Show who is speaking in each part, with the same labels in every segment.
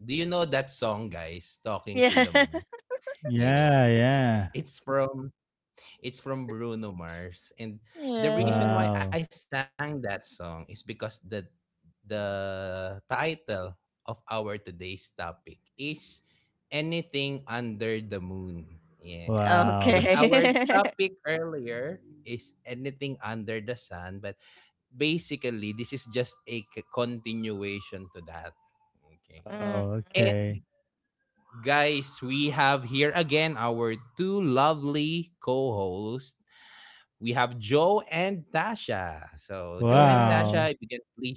Speaker 1: Do you know that song, guys? Talking to
Speaker 2: Yeah.
Speaker 1: the moon. Yeah.
Speaker 3: Yeah, yeah.
Speaker 1: It's from it's from Bruno Mars. And the
Speaker 2: Yeah.
Speaker 1: reason
Speaker 3: Wow.
Speaker 1: why I sang that song is because the title of our today's topic is anything under the moon. Yeah. Because
Speaker 3: Wow.
Speaker 1: our
Speaker 2: Okay.
Speaker 1: topic earlier is anything under the sun, but basically this is just a continuation to that. Okay.
Speaker 3: Oh,
Speaker 2: mm.
Speaker 1: And
Speaker 3: okay.
Speaker 1: guys, we have here again our two lovely co-hosts we have Joe and Tasha. So, Joe and
Speaker 2: Mm.
Speaker 3: Wow.
Speaker 1: Tasha, if you can please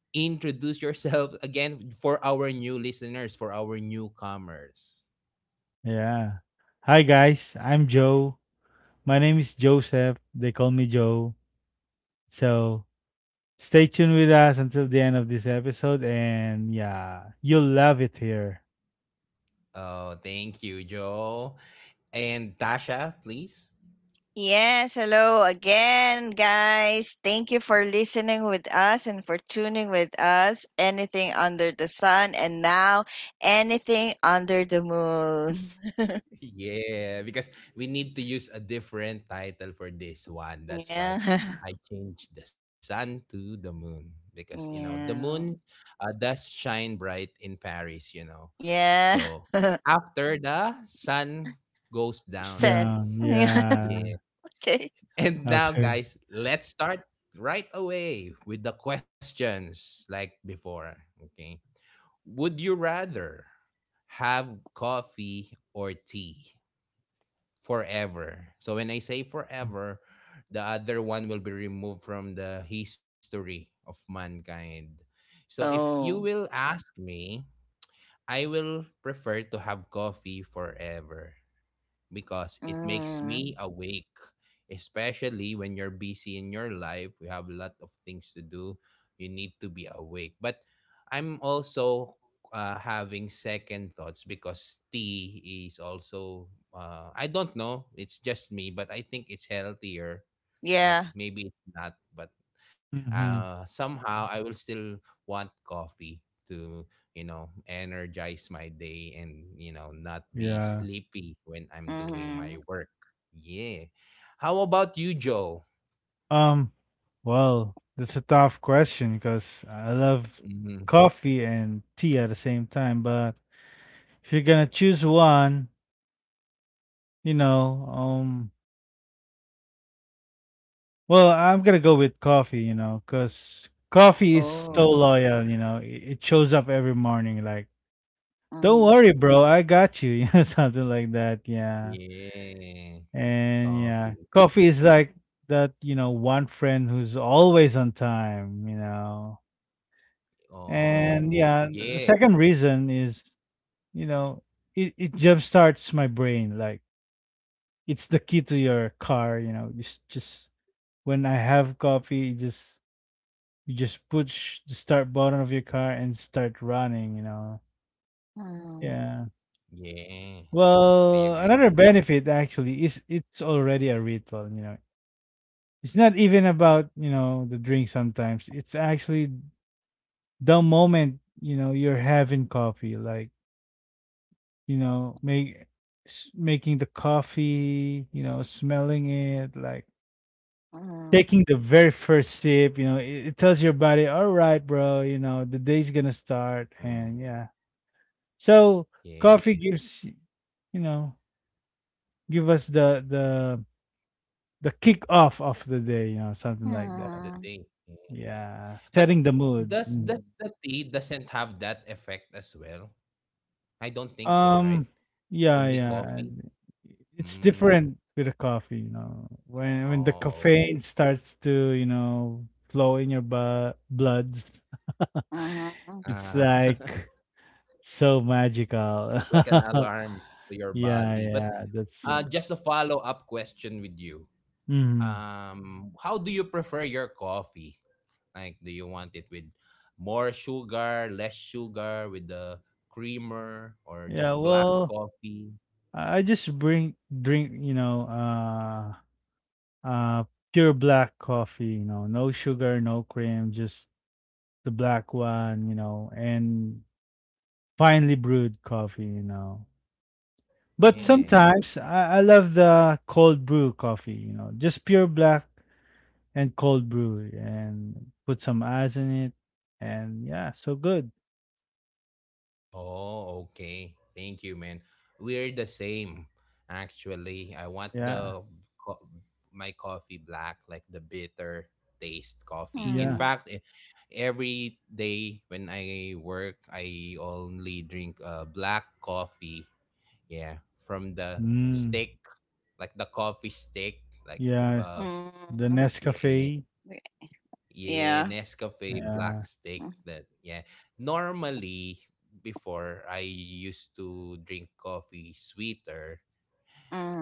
Speaker 1: introduce yourself again for our new listeners, for our newcomers.
Speaker 3: Yeah. Hi guys, I'm Joe. My name is Joseph. They call me Joe. So stay tuned with us until the end of this episode and yeah, you'll love it here.
Speaker 1: Oh, thank you, Joe. And Tasha, please.
Speaker 2: Yes, hello again, guys. Thank you for listening with us and for tuning with us. Anything under the sun, and now anything under the moon.
Speaker 1: Yeah, because we need to use a different title for this one. That's why
Speaker 2: Yeah.
Speaker 1: I changed the sun to the moon because you know the moon
Speaker 2: Yeah.
Speaker 1: does shine bright in Paris, you know.
Speaker 2: Yeah.
Speaker 1: So after the sun goes
Speaker 3: It's
Speaker 1: down.
Speaker 2: Set.
Speaker 3: down,
Speaker 2: Okay.
Speaker 1: Yeah.
Speaker 3: yeah.
Speaker 1: And now
Speaker 3: After
Speaker 1: guys, let's start right away with the questions like before. Okay. Would you rather have coffee or tea forever? So when I say forever, the other one will be removed from the history of mankind. So if you will
Speaker 2: Oh.
Speaker 1: ask me, I will prefer to have coffee forever because it makes
Speaker 2: Mm.
Speaker 1: me awake, especially when you're busy in your life. We have a lot of things to do. You need to be awake. But I'm also having second thoughts because tea is also, I don't know, it's just me, but I think it's healthier but
Speaker 2: Yeah.
Speaker 1: maybe it's not. But
Speaker 3: hmm
Speaker 1: somehow I will still want coffee to you know energize my day and you know not be
Speaker 3: yeah.
Speaker 1: sleepy when I'm doing my
Speaker 2: Mm-hmm.
Speaker 1: work. Yeah. How about you, Joe?
Speaker 3: Um well, that's a tough question because I
Speaker 1: Mhm.
Speaker 3: love coffee and tea at the same time, but if you're gonna choose one, you know, um, well, I'm gonna go with coffee, you know, because coffee is
Speaker 1: Mm.
Speaker 3: so
Speaker 2: Oh.
Speaker 3: loyal, you know, it shows up every morning, like, don't
Speaker 2: Mm.
Speaker 3: worry, bro, I got you, you know, something like that, yeah.
Speaker 1: Yeah.
Speaker 3: And yeah,
Speaker 1: Coffee. Mm-hmm.
Speaker 3: coffee is like that, you know, one friend who's always on time, you know.
Speaker 1: Oh.
Speaker 3: And
Speaker 2: Mm.
Speaker 3: yeah,
Speaker 1: Yeah.
Speaker 3: the second reason is, you know, it jump starts my brain, like, it's the key to your car, you know, just when I have coffee, you just push the start button of your car and start running, you know.
Speaker 2: Mm,
Speaker 3: Yeah.
Speaker 1: Yeah. I
Speaker 3: Well,
Speaker 1: agree with
Speaker 3: another
Speaker 1: you.
Speaker 3: benefit actually is it's already a ritual, you know. It's not even about, you know, the drink sometimes. It's actually the moment, you know, you're having coffee, like, you know, making the coffee, you know, smelling it, like
Speaker 2: mm,
Speaker 3: taking the very first sip, you know, it tells your body, all right, bro, you know, the day's gonna start,
Speaker 1: Mm.
Speaker 3: and yeah. So
Speaker 1: Yeah.
Speaker 3: coffee gives, you know, give us the kick off of the day, you know, something like
Speaker 1: Of
Speaker 3: that.
Speaker 1: the
Speaker 2: mm,
Speaker 1: day. Yeah.
Speaker 3: Yeah,
Speaker 1: But
Speaker 3: setting the
Speaker 1: does
Speaker 3: mood.
Speaker 1: does the
Speaker 3: Mhm.
Speaker 1: tea doesn't have that effect as well? I don't think so, right?
Speaker 3: Um,
Speaker 1: It's
Speaker 3: yeah,
Speaker 1: only
Speaker 3: yeah,
Speaker 1: coffee.
Speaker 3: it's
Speaker 1: Mm.
Speaker 3: different with the coffee, you know, when the
Speaker 1: Oh, okay.
Speaker 3: caffeine starts to, you know, flow in your bloods.
Speaker 2: mhm,
Speaker 3: It's
Speaker 1: Ah,
Speaker 3: like so magical.
Speaker 1: like an alarm to your
Speaker 3: Yeah,
Speaker 1: body.
Speaker 3: yeah,
Speaker 1: But
Speaker 3: that's true.
Speaker 2: mm,
Speaker 1: just a follow up question with you.
Speaker 3: Mhm.
Speaker 1: How do you prefer your coffee? Like, do you want it with more sugar, less sugar, with the creamer, or
Speaker 3: Yeah,
Speaker 1: just black
Speaker 3: well,
Speaker 1: coffee?
Speaker 3: I just bring drink, you know, uh pure black coffee, you know, no sugar, no cream, just the black one, you know, and finely brewed coffee, you know. But
Speaker 2: mm,
Speaker 3: sometimes
Speaker 1: Yeah.
Speaker 3: I love the cold brew coffee, you know, just pure black and cold brew and put some ice in it and yeah, so good.
Speaker 1: Oh, okay. Thank you, man. We're the same, actually. I want
Speaker 3: Yeah.
Speaker 1: the co- my coffee black, like the bitter taste coffee. In
Speaker 3: Yeah.
Speaker 2: mm,
Speaker 1: fact, every day when I work, I only drink black coffee. Yeah, from the
Speaker 3: Mm,
Speaker 1: stick, like the coffee stick, like
Speaker 3: yeah,
Speaker 1: uh,
Speaker 3: the
Speaker 2: mm.
Speaker 1: yeah.
Speaker 3: Nescafe.
Speaker 1: Yeah,
Speaker 2: Yeah.
Speaker 1: Nescafe black
Speaker 3: Yeah.
Speaker 1: steak
Speaker 2: Mm,
Speaker 1: that yeah. Normally before I used to drink coffee sweeter.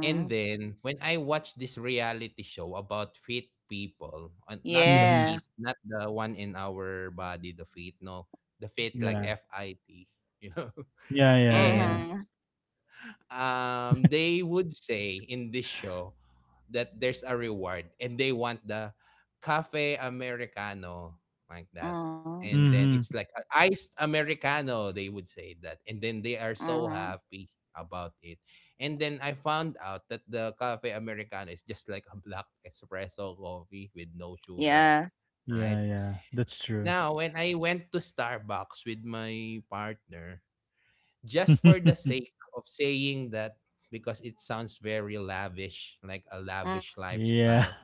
Speaker 1: And then when I watched this reality show about fit people, and not the
Speaker 3: Mhm.
Speaker 2: Yeah.
Speaker 1: fit, not the one in our body, the fit, no, the fit like
Speaker 3: Yeah.
Speaker 1: fit, you know.
Speaker 3: Yeah, yeah, yeah.
Speaker 1: And
Speaker 2: Mhm,
Speaker 1: they would say in this show that there's a reward and they want the cafe americano, like that.
Speaker 2: mm,
Speaker 1: And then
Speaker 3: Mhm.
Speaker 1: it's like a iced americano, they would say that. And then they are so
Speaker 2: mhm.
Speaker 1: happy about it. And then I found out that the cafe americano is just like a black espresso coffee with no sugar.
Speaker 2: Yeah.
Speaker 3: Yeah,
Speaker 1: Right,
Speaker 3: yeah. That's true.
Speaker 1: now when I went to Starbucks with my partner, just for the sake of saying that, because it sounds very lavish, like a
Speaker 2: Mm.
Speaker 1: lavish
Speaker 3: Yeah.
Speaker 1: lifestyle.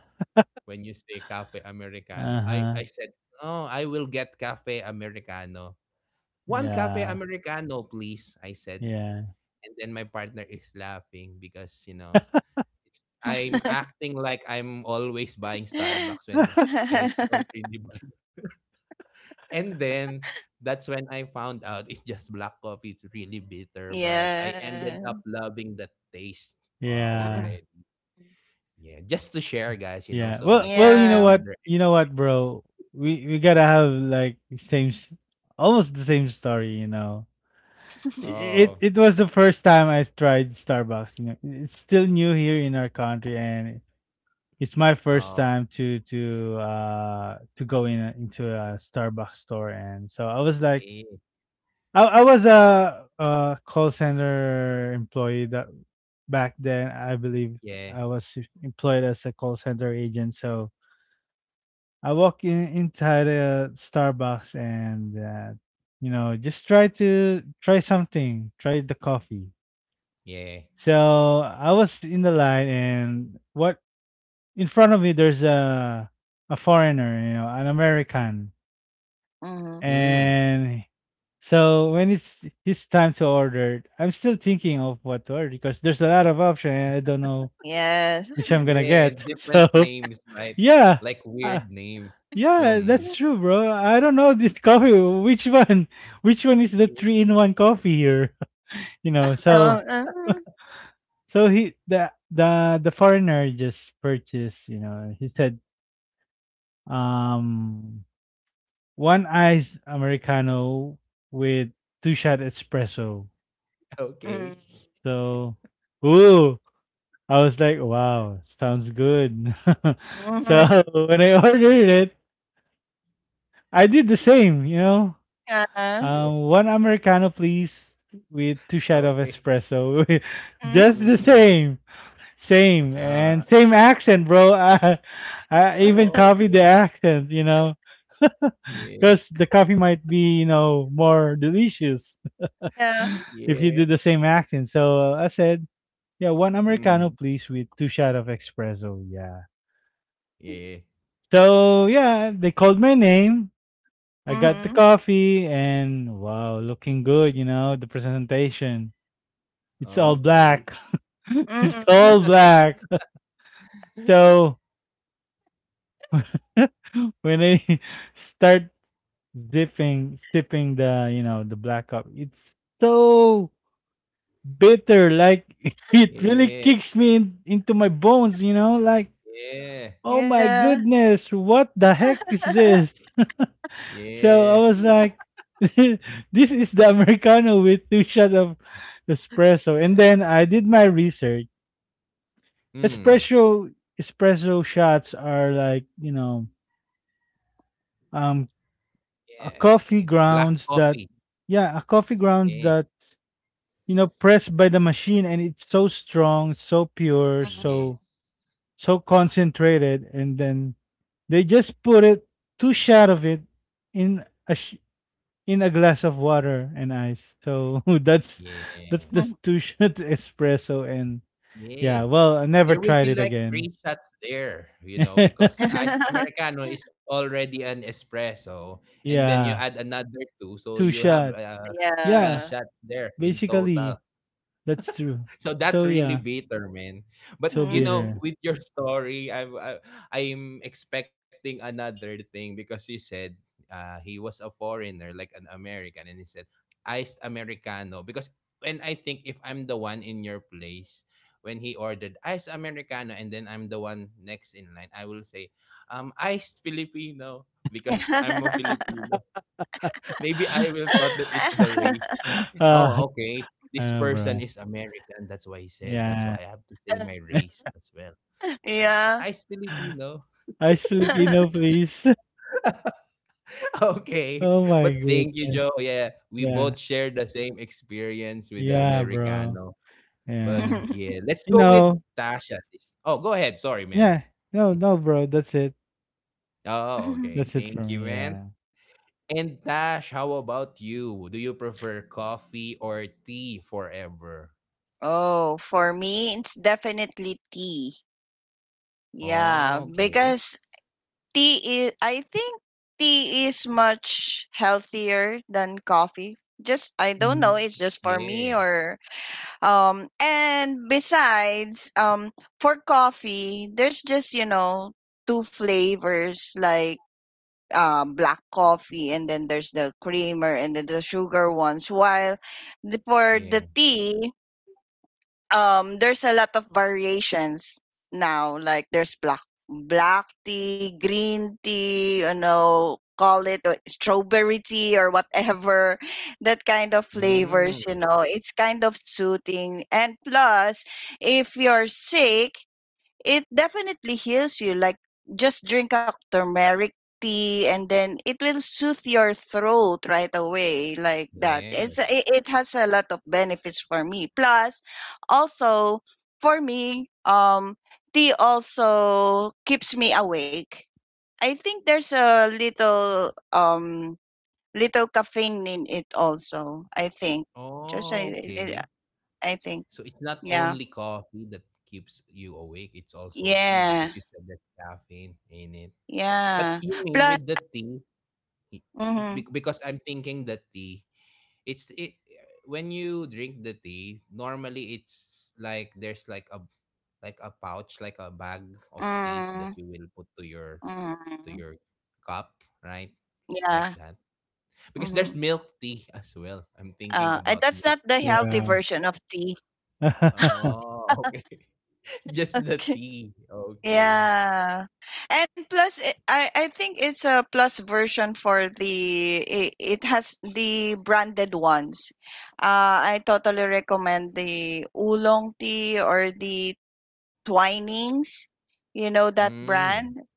Speaker 1: When you say cafe americano, I,
Speaker 3: Uh-huh.
Speaker 1: I said, oh, I will get cafe americano. One cafe
Speaker 3: Yeah.
Speaker 1: americano, please, I said.
Speaker 3: Yeah.
Speaker 1: And then my partner is laughing because, you know, I'm acting like I'm always buying Starbucks when I don't really buy. And then that's when I found out it's just black coffee. It's really bitter, but I ended up
Speaker 2: Yeah.
Speaker 1: loving the taste
Speaker 2: Mhm.
Speaker 3: Yeah.
Speaker 1: already. Yeah, just to share, guys, you know,
Speaker 3: Yeah.
Speaker 1: so
Speaker 3: Well,
Speaker 1: I can
Speaker 3: well,
Speaker 1: have
Speaker 3: you know what?
Speaker 2: Yeah.
Speaker 1: another.
Speaker 3: You know what, bro? We gotta have like same, almost the same story. You know, I- it
Speaker 1: Oh,
Speaker 3: it was the first time I tried Starbucks. You know, it's still new here in our country, and it's my first
Speaker 1: oh,
Speaker 3: time to go into a Starbucks store, and so I was like,
Speaker 1: yeah,
Speaker 3: I was a call center employee that back then. I believe
Speaker 1: yeah,
Speaker 3: I was employed as a call center agent, so I walk in inside a Starbucks and you know just try something, try the coffee.
Speaker 1: yeah.
Speaker 3: So I was in the line, and what in front of me there's a foreigner, you know, an American.
Speaker 2: Mhm.
Speaker 1: Mm.
Speaker 3: And so when it's his time to order, I'm still thinking of what to order because there's a lot of options and I don't know
Speaker 2: Yes.
Speaker 3: which I'm gonna
Speaker 1: Yeah, and
Speaker 3: get.
Speaker 1: different
Speaker 3: So
Speaker 1: names, right?
Speaker 3: yeah.
Speaker 1: Like
Speaker 3: Uh,
Speaker 1: weird names.
Speaker 3: yeah,
Speaker 1: Mm.
Speaker 3: that's true, bro. I don't know this coffee. Which one? Which one is the
Speaker 1: Yeah,
Speaker 3: three-in-one coffee here? You know, so
Speaker 2: Uh, mhm.
Speaker 3: so he the foreigner just purchased, you know, he said, um one iced americano with two shot espresso.
Speaker 2: Mm,
Speaker 1: okay,
Speaker 3: So, ooh, I was like, wow, sounds good.
Speaker 2: mhm.
Speaker 3: So when I ordered
Speaker 1: okay,
Speaker 3: it, I did the same. You know,
Speaker 2: Yeah.
Speaker 1: yeah,
Speaker 3: one americano, please, with two shot of
Speaker 1: okay.
Speaker 3: espresso,
Speaker 2: Mhm.
Speaker 3: just the
Speaker 1: Mm.
Speaker 3: same, same and
Speaker 1: Ah,
Speaker 3: same accent, bro. I even copied the
Speaker 1: okay,
Speaker 3: accent. You know,
Speaker 1: yeah,
Speaker 3: because the coffee might be, you know, more delicious.
Speaker 2: Yeah.
Speaker 3: If you
Speaker 1: yeah.
Speaker 3: do the same acting. So I said, yeah, one Americano,
Speaker 1: Mm.
Speaker 3: please, with two shot of espresso. Yeah.
Speaker 1: Yeah.
Speaker 3: So yeah, they called my name. I got the
Speaker 2: Mhm.
Speaker 3: coffee, and wow, looking good. You know the presentation. It's all
Speaker 1: Okay.
Speaker 3: black. It's
Speaker 2: Mhm.
Speaker 3: all black. So when I start sipping the you know the black coffee, it's so bitter. Like it really
Speaker 1: Yes.
Speaker 3: kicks me into my bones. You know, like
Speaker 1: Yeah.
Speaker 3: oh my
Speaker 2: Yeah.
Speaker 3: goodness, what the heck is this?
Speaker 1: Yeah.
Speaker 3: So I was like, this is the Americano with two shots of espresso. And
Speaker 1: Yeah.
Speaker 3: then I did my research.
Speaker 1: Mm.
Speaker 3: Espresso espresso shots are like, you know, um
Speaker 1: Yeah.
Speaker 3: a
Speaker 1: It's
Speaker 3: coffee
Speaker 1: black
Speaker 3: grounds
Speaker 1: coffee.
Speaker 3: that yeah, a coffee
Speaker 1: Yeah.
Speaker 3: ground that you know pressed by the machine and it's so strong, so pure,
Speaker 1: Yes.
Speaker 2: Mhm.
Speaker 3: so concentrated and then they just put it two shot of it in a sh- in a glass of water and ice. So
Speaker 1: Yeah.
Speaker 3: that's the two shot espresso and yeah.
Speaker 1: Yeah.
Speaker 3: Well, I never
Speaker 1: There will
Speaker 3: tried
Speaker 1: be
Speaker 3: it
Speaker 1: like
Speaker 3: again.
Speaker 1: three shots there, you know, because iced Americano is already an espresso. And then you add
Speaker 3: Yeah,
Speaker 1: another two. So
Speaker 3: two
Speaker 1: you'll have
Speaker 3: shot.
Speaker 1: three
Speaker 3: Yeah,
Speaker 2: Yeah.
Speaker 1: shots there in total.
Speaker 3: basically that's true.
Speaker 1: So that's
Speaker 3: So
Speaker 1: really
Speaker 3: yeah,
Speaker 1: bitter, man.
Speaker 3: so
Speaker 1: But you know,
Speaker 3: bitter.
Speaker 2: Mhm.
Speaker 1: with your story, I'm expecting another thing because you said he was a foreigner, like an American, and he said iced americano. Because when I think if I'm the one in your place, when he ordered iced americano, and then I'm the one next in line, I will say iced Filipino because I'm a Filipino. Maybe I will thought that it's the race.
Speaker 3: uh,
Speaker 1: Oh, okay. This person
Speaker 3: bro.
Speaker 1: is American. That's why he said. That's why
Speaker 3: Yeah.
Speaker 1: I have to say my race as well. I would say
Speaker 2: Yeah.
Speaker 1: I'm Filipino.
Speaker 3: Ice Filipino, please.
Speaker 1: Okay,
Speaker 3: Oh my
Speaker 1: but thank you,
Speaker 3: goodness.
Speaker 1: Joe. Yeah, we
Speaker 3: Yeah.
Speaker 1: both share the same experience with the
Speaker 3: Yeah, bro.
Speaker 1: Americano. But
Speaker 3: Yeah.
Speaker 1: yeah, let's
Speaker 3: You
Speaker 1: go with
Speaker 3: know,
Speaker 1: Tasha. Oh, go ahead. Sorry, man.
Speaker 3: yeah. No,
Speaker 1: Mm.
Speaker 3: no, bro. That's it.
Speaker 1: Oh,
Speaker 3: That's it
Speaker 1: okay.
Speaker 3: for me.
Speaker 1: Thank you,
Speaker 3: Yeah.
Speaker 1: man. And Tash, how about you? Do you prefer coffee or tea forever?
Speaker 2: Oh, for me, it's definitely tea. Yeah,
Speaker 1: Oh, okay.
Speaker 2: because tea is, I think tea is much healthier than coffee. Just I don't know,
Speaker 3: Mm,
Speaker 2: it's just for me.
Speaker 1: Yeah,
Speaker 2: Or and besides, for coffee there's just, you know, two flavors, like black coffee and then there's the creamer and then the sugar ones, while the, for the
Speaker 1: yeah.
Speaker 2: tea, there's a lot of variations now, like there's black, black tea, green tea, you know, call it strawberry tea or whatever, that kind of flavors,
Speaker 1: Mm.
Speaker 2: you know. It's kind of soothing, and plus if you're sick, it definitely heals you. Like, just drink a turmeric tea and then it will soothe your throat right away, like that. It's
Speaker 1: Yes.
Speaker 2: it, it has a lot of benefits for me. Plus also, for me, tea also keeps me awake. I think there's a little, little caffeine in it also. I think just
Speaker 1: Oh,
Speaker 2: I
Speaker 1: okay.
Speaker 2: I think
Speaker 1: So it's not
Speaker 2: Yeah.
Speaker 1: only coffee that keeps you awake, it's also tea
Speaker 2: Yeah.
Speaker 1: because you said there's caffeine in it. But
Speaker 2: Yeah.
Speaker 1: you mean
Speaker 2: Plus,
Speaker 1: with the tea, it-
Speaker 2: mhm.
Speaker 1: because I'm thinking the tea, it's it when you drink the tea, normally it's like there's like a pouch, like a bag of tea that
Speaker 2: Mm,
Speaker 1: you will put to your
Speaker 2: mm,
Speaker 1: to your cup, right?
Speaker 2: yeah.
Speaker 1: Like that. Because there's
Speaker 2: Mm,
Speaker 1: milk tea as well. I'm thinking
Speaker 2: and
Speaker 1: about
Speaker 2: that's not
Speaker 1: milk.
Speaker 2: the healthy
Speaker 3: yeah.
Speaker 2: version of tea.
Speaker 1: Oh, okay. Just the
Speaker 2: Okay.
Speaker 1: tea. Okay.
Speaker 2: Yeah. And plus, it, I think it's a plus version for it, has the branded ones. I totally recommend the Oolong tea or the Twinings, you know that
Speaker 1: Mm.
Speaker 2: brand.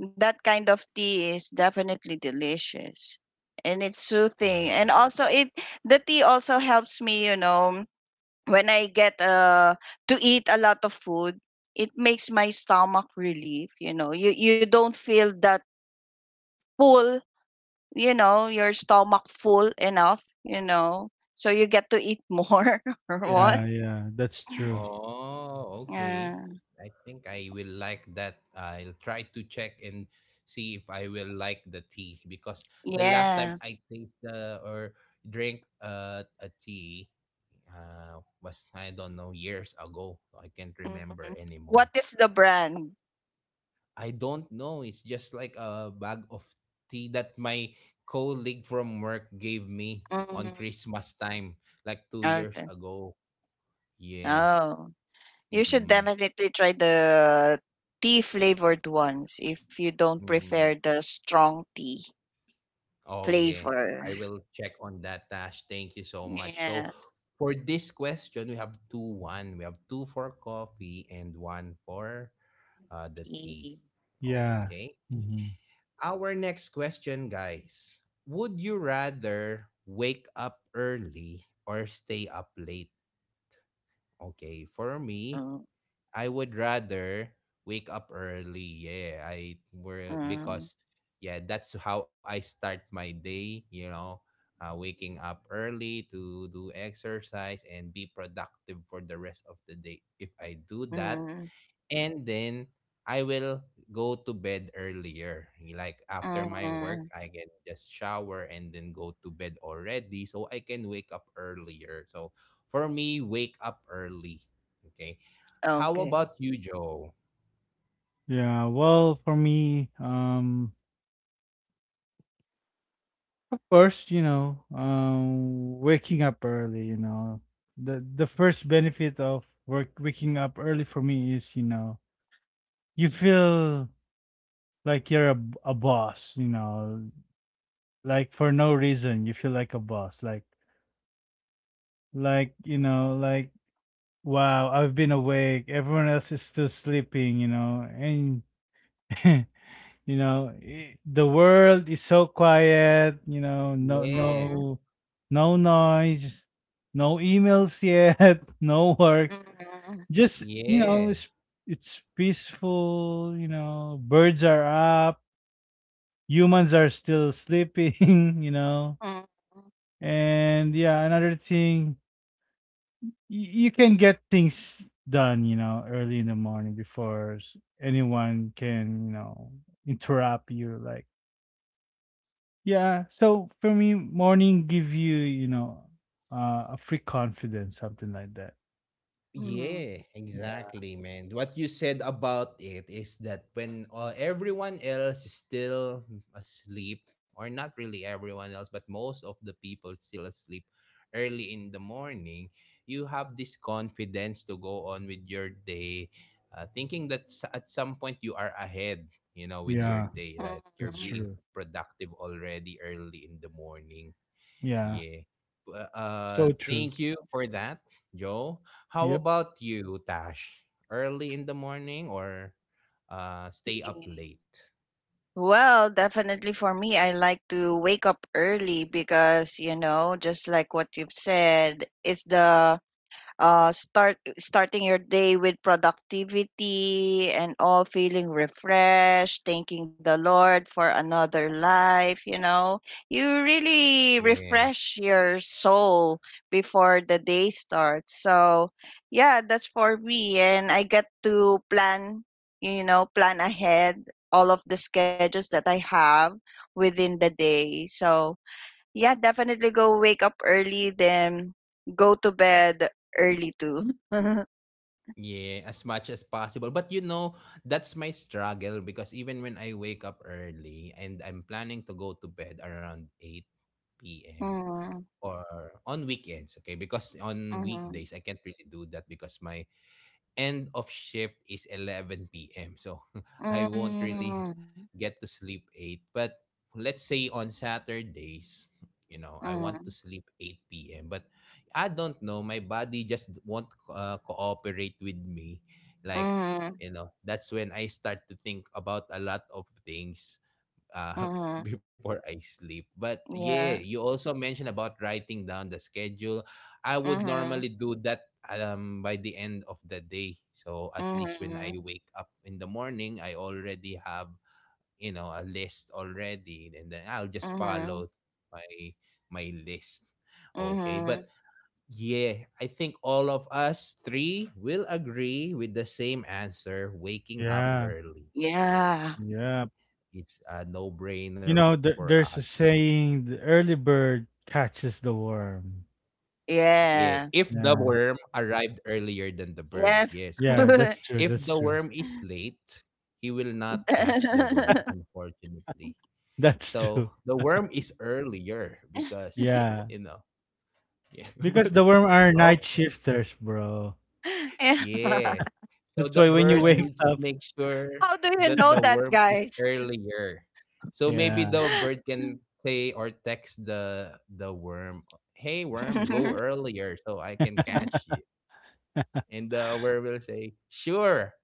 Speaker 2: That kind of tea is definitely delicious and it's
Speaker 1: Oh,
Speaker 2: soothing.
Speaker 1: okay.
Speaker 2: And also it the tea also helps me, you know, when I get to eat a lot of food, it makes my stomach relief, you know. You don't feel that full, you know, your stomach full enough, you know. So you get to eat more, or what?
Speaker 3: Yeah. Yeah. That's true.
Speaker 1: Oh, okay.
Speaker 2: Yeah.
Speaker 1: I think I will like that. I'll try to check and see if I will like the tea because the last time
Speaker 2: Yeah.
Speaker 1: I taste the or drink a tea was I don't know years ago, so I can't
Speaker 2: Mm.
Speaker 1: remember
Speaker 2: What
Speaker 1: anymore.
Speaker 2: is the brand?
Speaker 1: I don't know. It's just like a bag of tea that my colleague from work gave me on
Speaker 2: Mm.
Speaker 1: Christmas time, like 2 years
Speaker 2: Okay.
Speaker 1: ago. Yeah.
Speaker 2: Oh. You should
Speaker 1: Mm-mm.
Speaker 2: definitely try the tea flavored ones if you don't prefer
Speaker 1: Mm-mm.
Speaker 2: the strong tea
Speaker 1: Oh, yeah.
Speaker 2: flavor.
Speaker 1: I will check on that, Tash. Thank you so much. So,
Speaker 2: Yes,
Speaker 1: for this question, we have two one. We have two for coffee and one for the tea.
Speaker 2: tea.
Speaker 3: Yeah.
Speaker 1: Okay.
Speaker 3: hmm
Speaker 1: Our next question, guys. Would you rather wake up early or stay up late? Okay, for me,
Speaker 2: Mm,
Speaker 1: I would rather wake up early. Yeah, I were
Speaker 2: mm,
Speaker 1: because yeah, that's how I start my day, you know, waking up early to do exercise and be productive for the rest of the day. If I do that,
Speaker 2: mm,
Speaker 1: and then I will go to bed earlier. Like after my
Speaker 2: mm.
Speaker 1: work, I can just shower and then go to bed already so I can wake up earlier. So for me, wake up early. Okay. How
Speaker 2: Okay.
Speaker 1: about you, Joe?
Speaker 3: Yeah. Well, for me, of course, you know, waking up early. You know, the first benefit of work waking up early for me is, you know, you feel like you're a boss. You know, like for no reason, you feel like a boss. Like you know, like wow, I've been awake. Everyone else is still sleeping, you know, and you know, I the world is so quiet, you know,
Speaker 1: Yeah.
Speaker 2: Mm,
Speaker 3: no noise, no emails yet, no work.
Speaker 2: mm,
Speaker 3: Just, you know,
Speaker 1: Yeah.
Speaker 3: it's peaceful, you know, birds are up, humans are still sleeping, you know.
Speaker 2: mm,
Speaker 3: And yeah, another thing you can get things done, you know, early in the morning before anyone can, you know, interrupt you. Like, yeah. So for me, morning give you, you know, a free confidence, something like that.
Speaker 2: mm,
Speaker 1: Yeah,
Speaker 3: Yeah.
Speaker 1: exactly, man. What you said about it is that when everyone else is still asleep, or not really everyone else, but most of the people still asleep early in the morning, you have this confidence to go on with your day, thinking that at some point you are ahead, you know, with your
Speaker 3: Yeah.
Speaker 1: day, right?
Speaker 2: mm.
Speaker 3: That's
Speaker 1: You're being
Speaker 3: true.
Speaker 1: productive already early in the morning.
Speaker 3: Yeah.
Speaker 1: Yeah. But,
Speaker 3: So true.
Speaker 1: thank you for that, Joe. How
Speaker 3: Yep.
Speaker 1: about you, Tash? Early in the morning or stay up late?
Speaker 2: Well, definitely for me, I like to wake up early because, you know, just like what you've said, it's the starting your day with productivity and all, feeling refreshed, thanking the Lord for another life, you know, you really
Speaker 1: Yeah.
Speaker 2: refresh your soul before the day starts. So yeah, that's for me, and I get to plan, you know, plan ahead all of the schedules that I have within the day. So yeah, definitely go wake up early, then go to bed early too.
Speaker 1: Yeah, as much as possible. But you know, that's my struggle because even when I wake up early and I'm planning to go to bed around 8 p.m.
Speaker 2: Mm,
Speaker 1: or on weekends, okay? Because on
Speaker 2: mhm,
Speaker 1: weekdays I can't really do that because my end of shift is 11 p.m. So I won't
Speaker 2: mm,
Speaker 1: really get to sleep eight. But let's say on Saturdays, you know, I want to
Speaker 2: mhm,
Speaker 1: sleep 8 p.m. But I don't know, my body just won't cooperate with me. Like,
Speaker 2: mhm,
Speaker 1: you know, that's when I start to think about a lot of things uh,
Speaker 2: mhm.
Speaker 1: before I sleep. But yeah,
Speaker 2: Yeah.
Speaker 1: you also mentioned about writing down the schedule. I would normally
Speaker 2: Mhm,
Speaker 1: do that by the end of the day. So at least when I
Speaker 2: mhm,
Speaker 1: wake up in the morning, I already have you know a list already, and then I'll just
Speaker 2: mhm,
Speaker 1: follow my my list. Okay, but
Speaker 2: mhm.
Speaker 1: yeah, I think all of us three will agree with the same answer: waking up
Speaker 3: Yeah.
Speaker 1: early. Yeah,
Speaker 2: Yeah.
Speaker 3: Yeah.
Speaker 1: it's a
Speaker 3: You
Speaker 1: no-brainer
Speaker 3: know,
Speaker 1: for us.
Speaker 3: there's a saying: the early bird catches the worm.
Speaker 1: Yeah, if
Speaker 2: Yeah.
Speaker 1: the worm
Speaker 3: Yeah.
Speaker 1: arrived earlier than the bird,
Speaker 2: Yes.
Speaker 1: yes. But
Speaker 3: Yeah. That's true.
Speaker 1: if the
Speaker 3: That's true.
Speaker 1: worm is late, he will not catch the worm, unfortunately.
Speaker 3: That's true.
Speaker 1: So the worm is earlier because,
Speaker 3: Yeah.
Speaker 1: you know, yeah.
Speaker 3: Because
Speaker 1: But
Speaker 3: the worm are night
Speaker 1: oh,
Speaker 3: shifters, bro.
Speaker 2: Yeah.
Speaker 1: yeah. So
Speaker 3: That's
Speaker 1: the
Speaker 3: why when you
Speaker 1: bird
Speaker 3: wake
Speaker 1: needs to
Speaker 3: up,
Speaker 1: make sure
Speaker 2: How do you
Speaker 1: that
Speaker 2: know
Speaker 1: the
Speaker 2: that,
Speaker 1: worm is
Speaker 2: guys?
Speaker 1: earlier. So maybe
Speaker 3: yeah,
Speaker 1: the bird can say or text the worm, "Hey worm, go earlier so I can catch you." And the where will say, sure.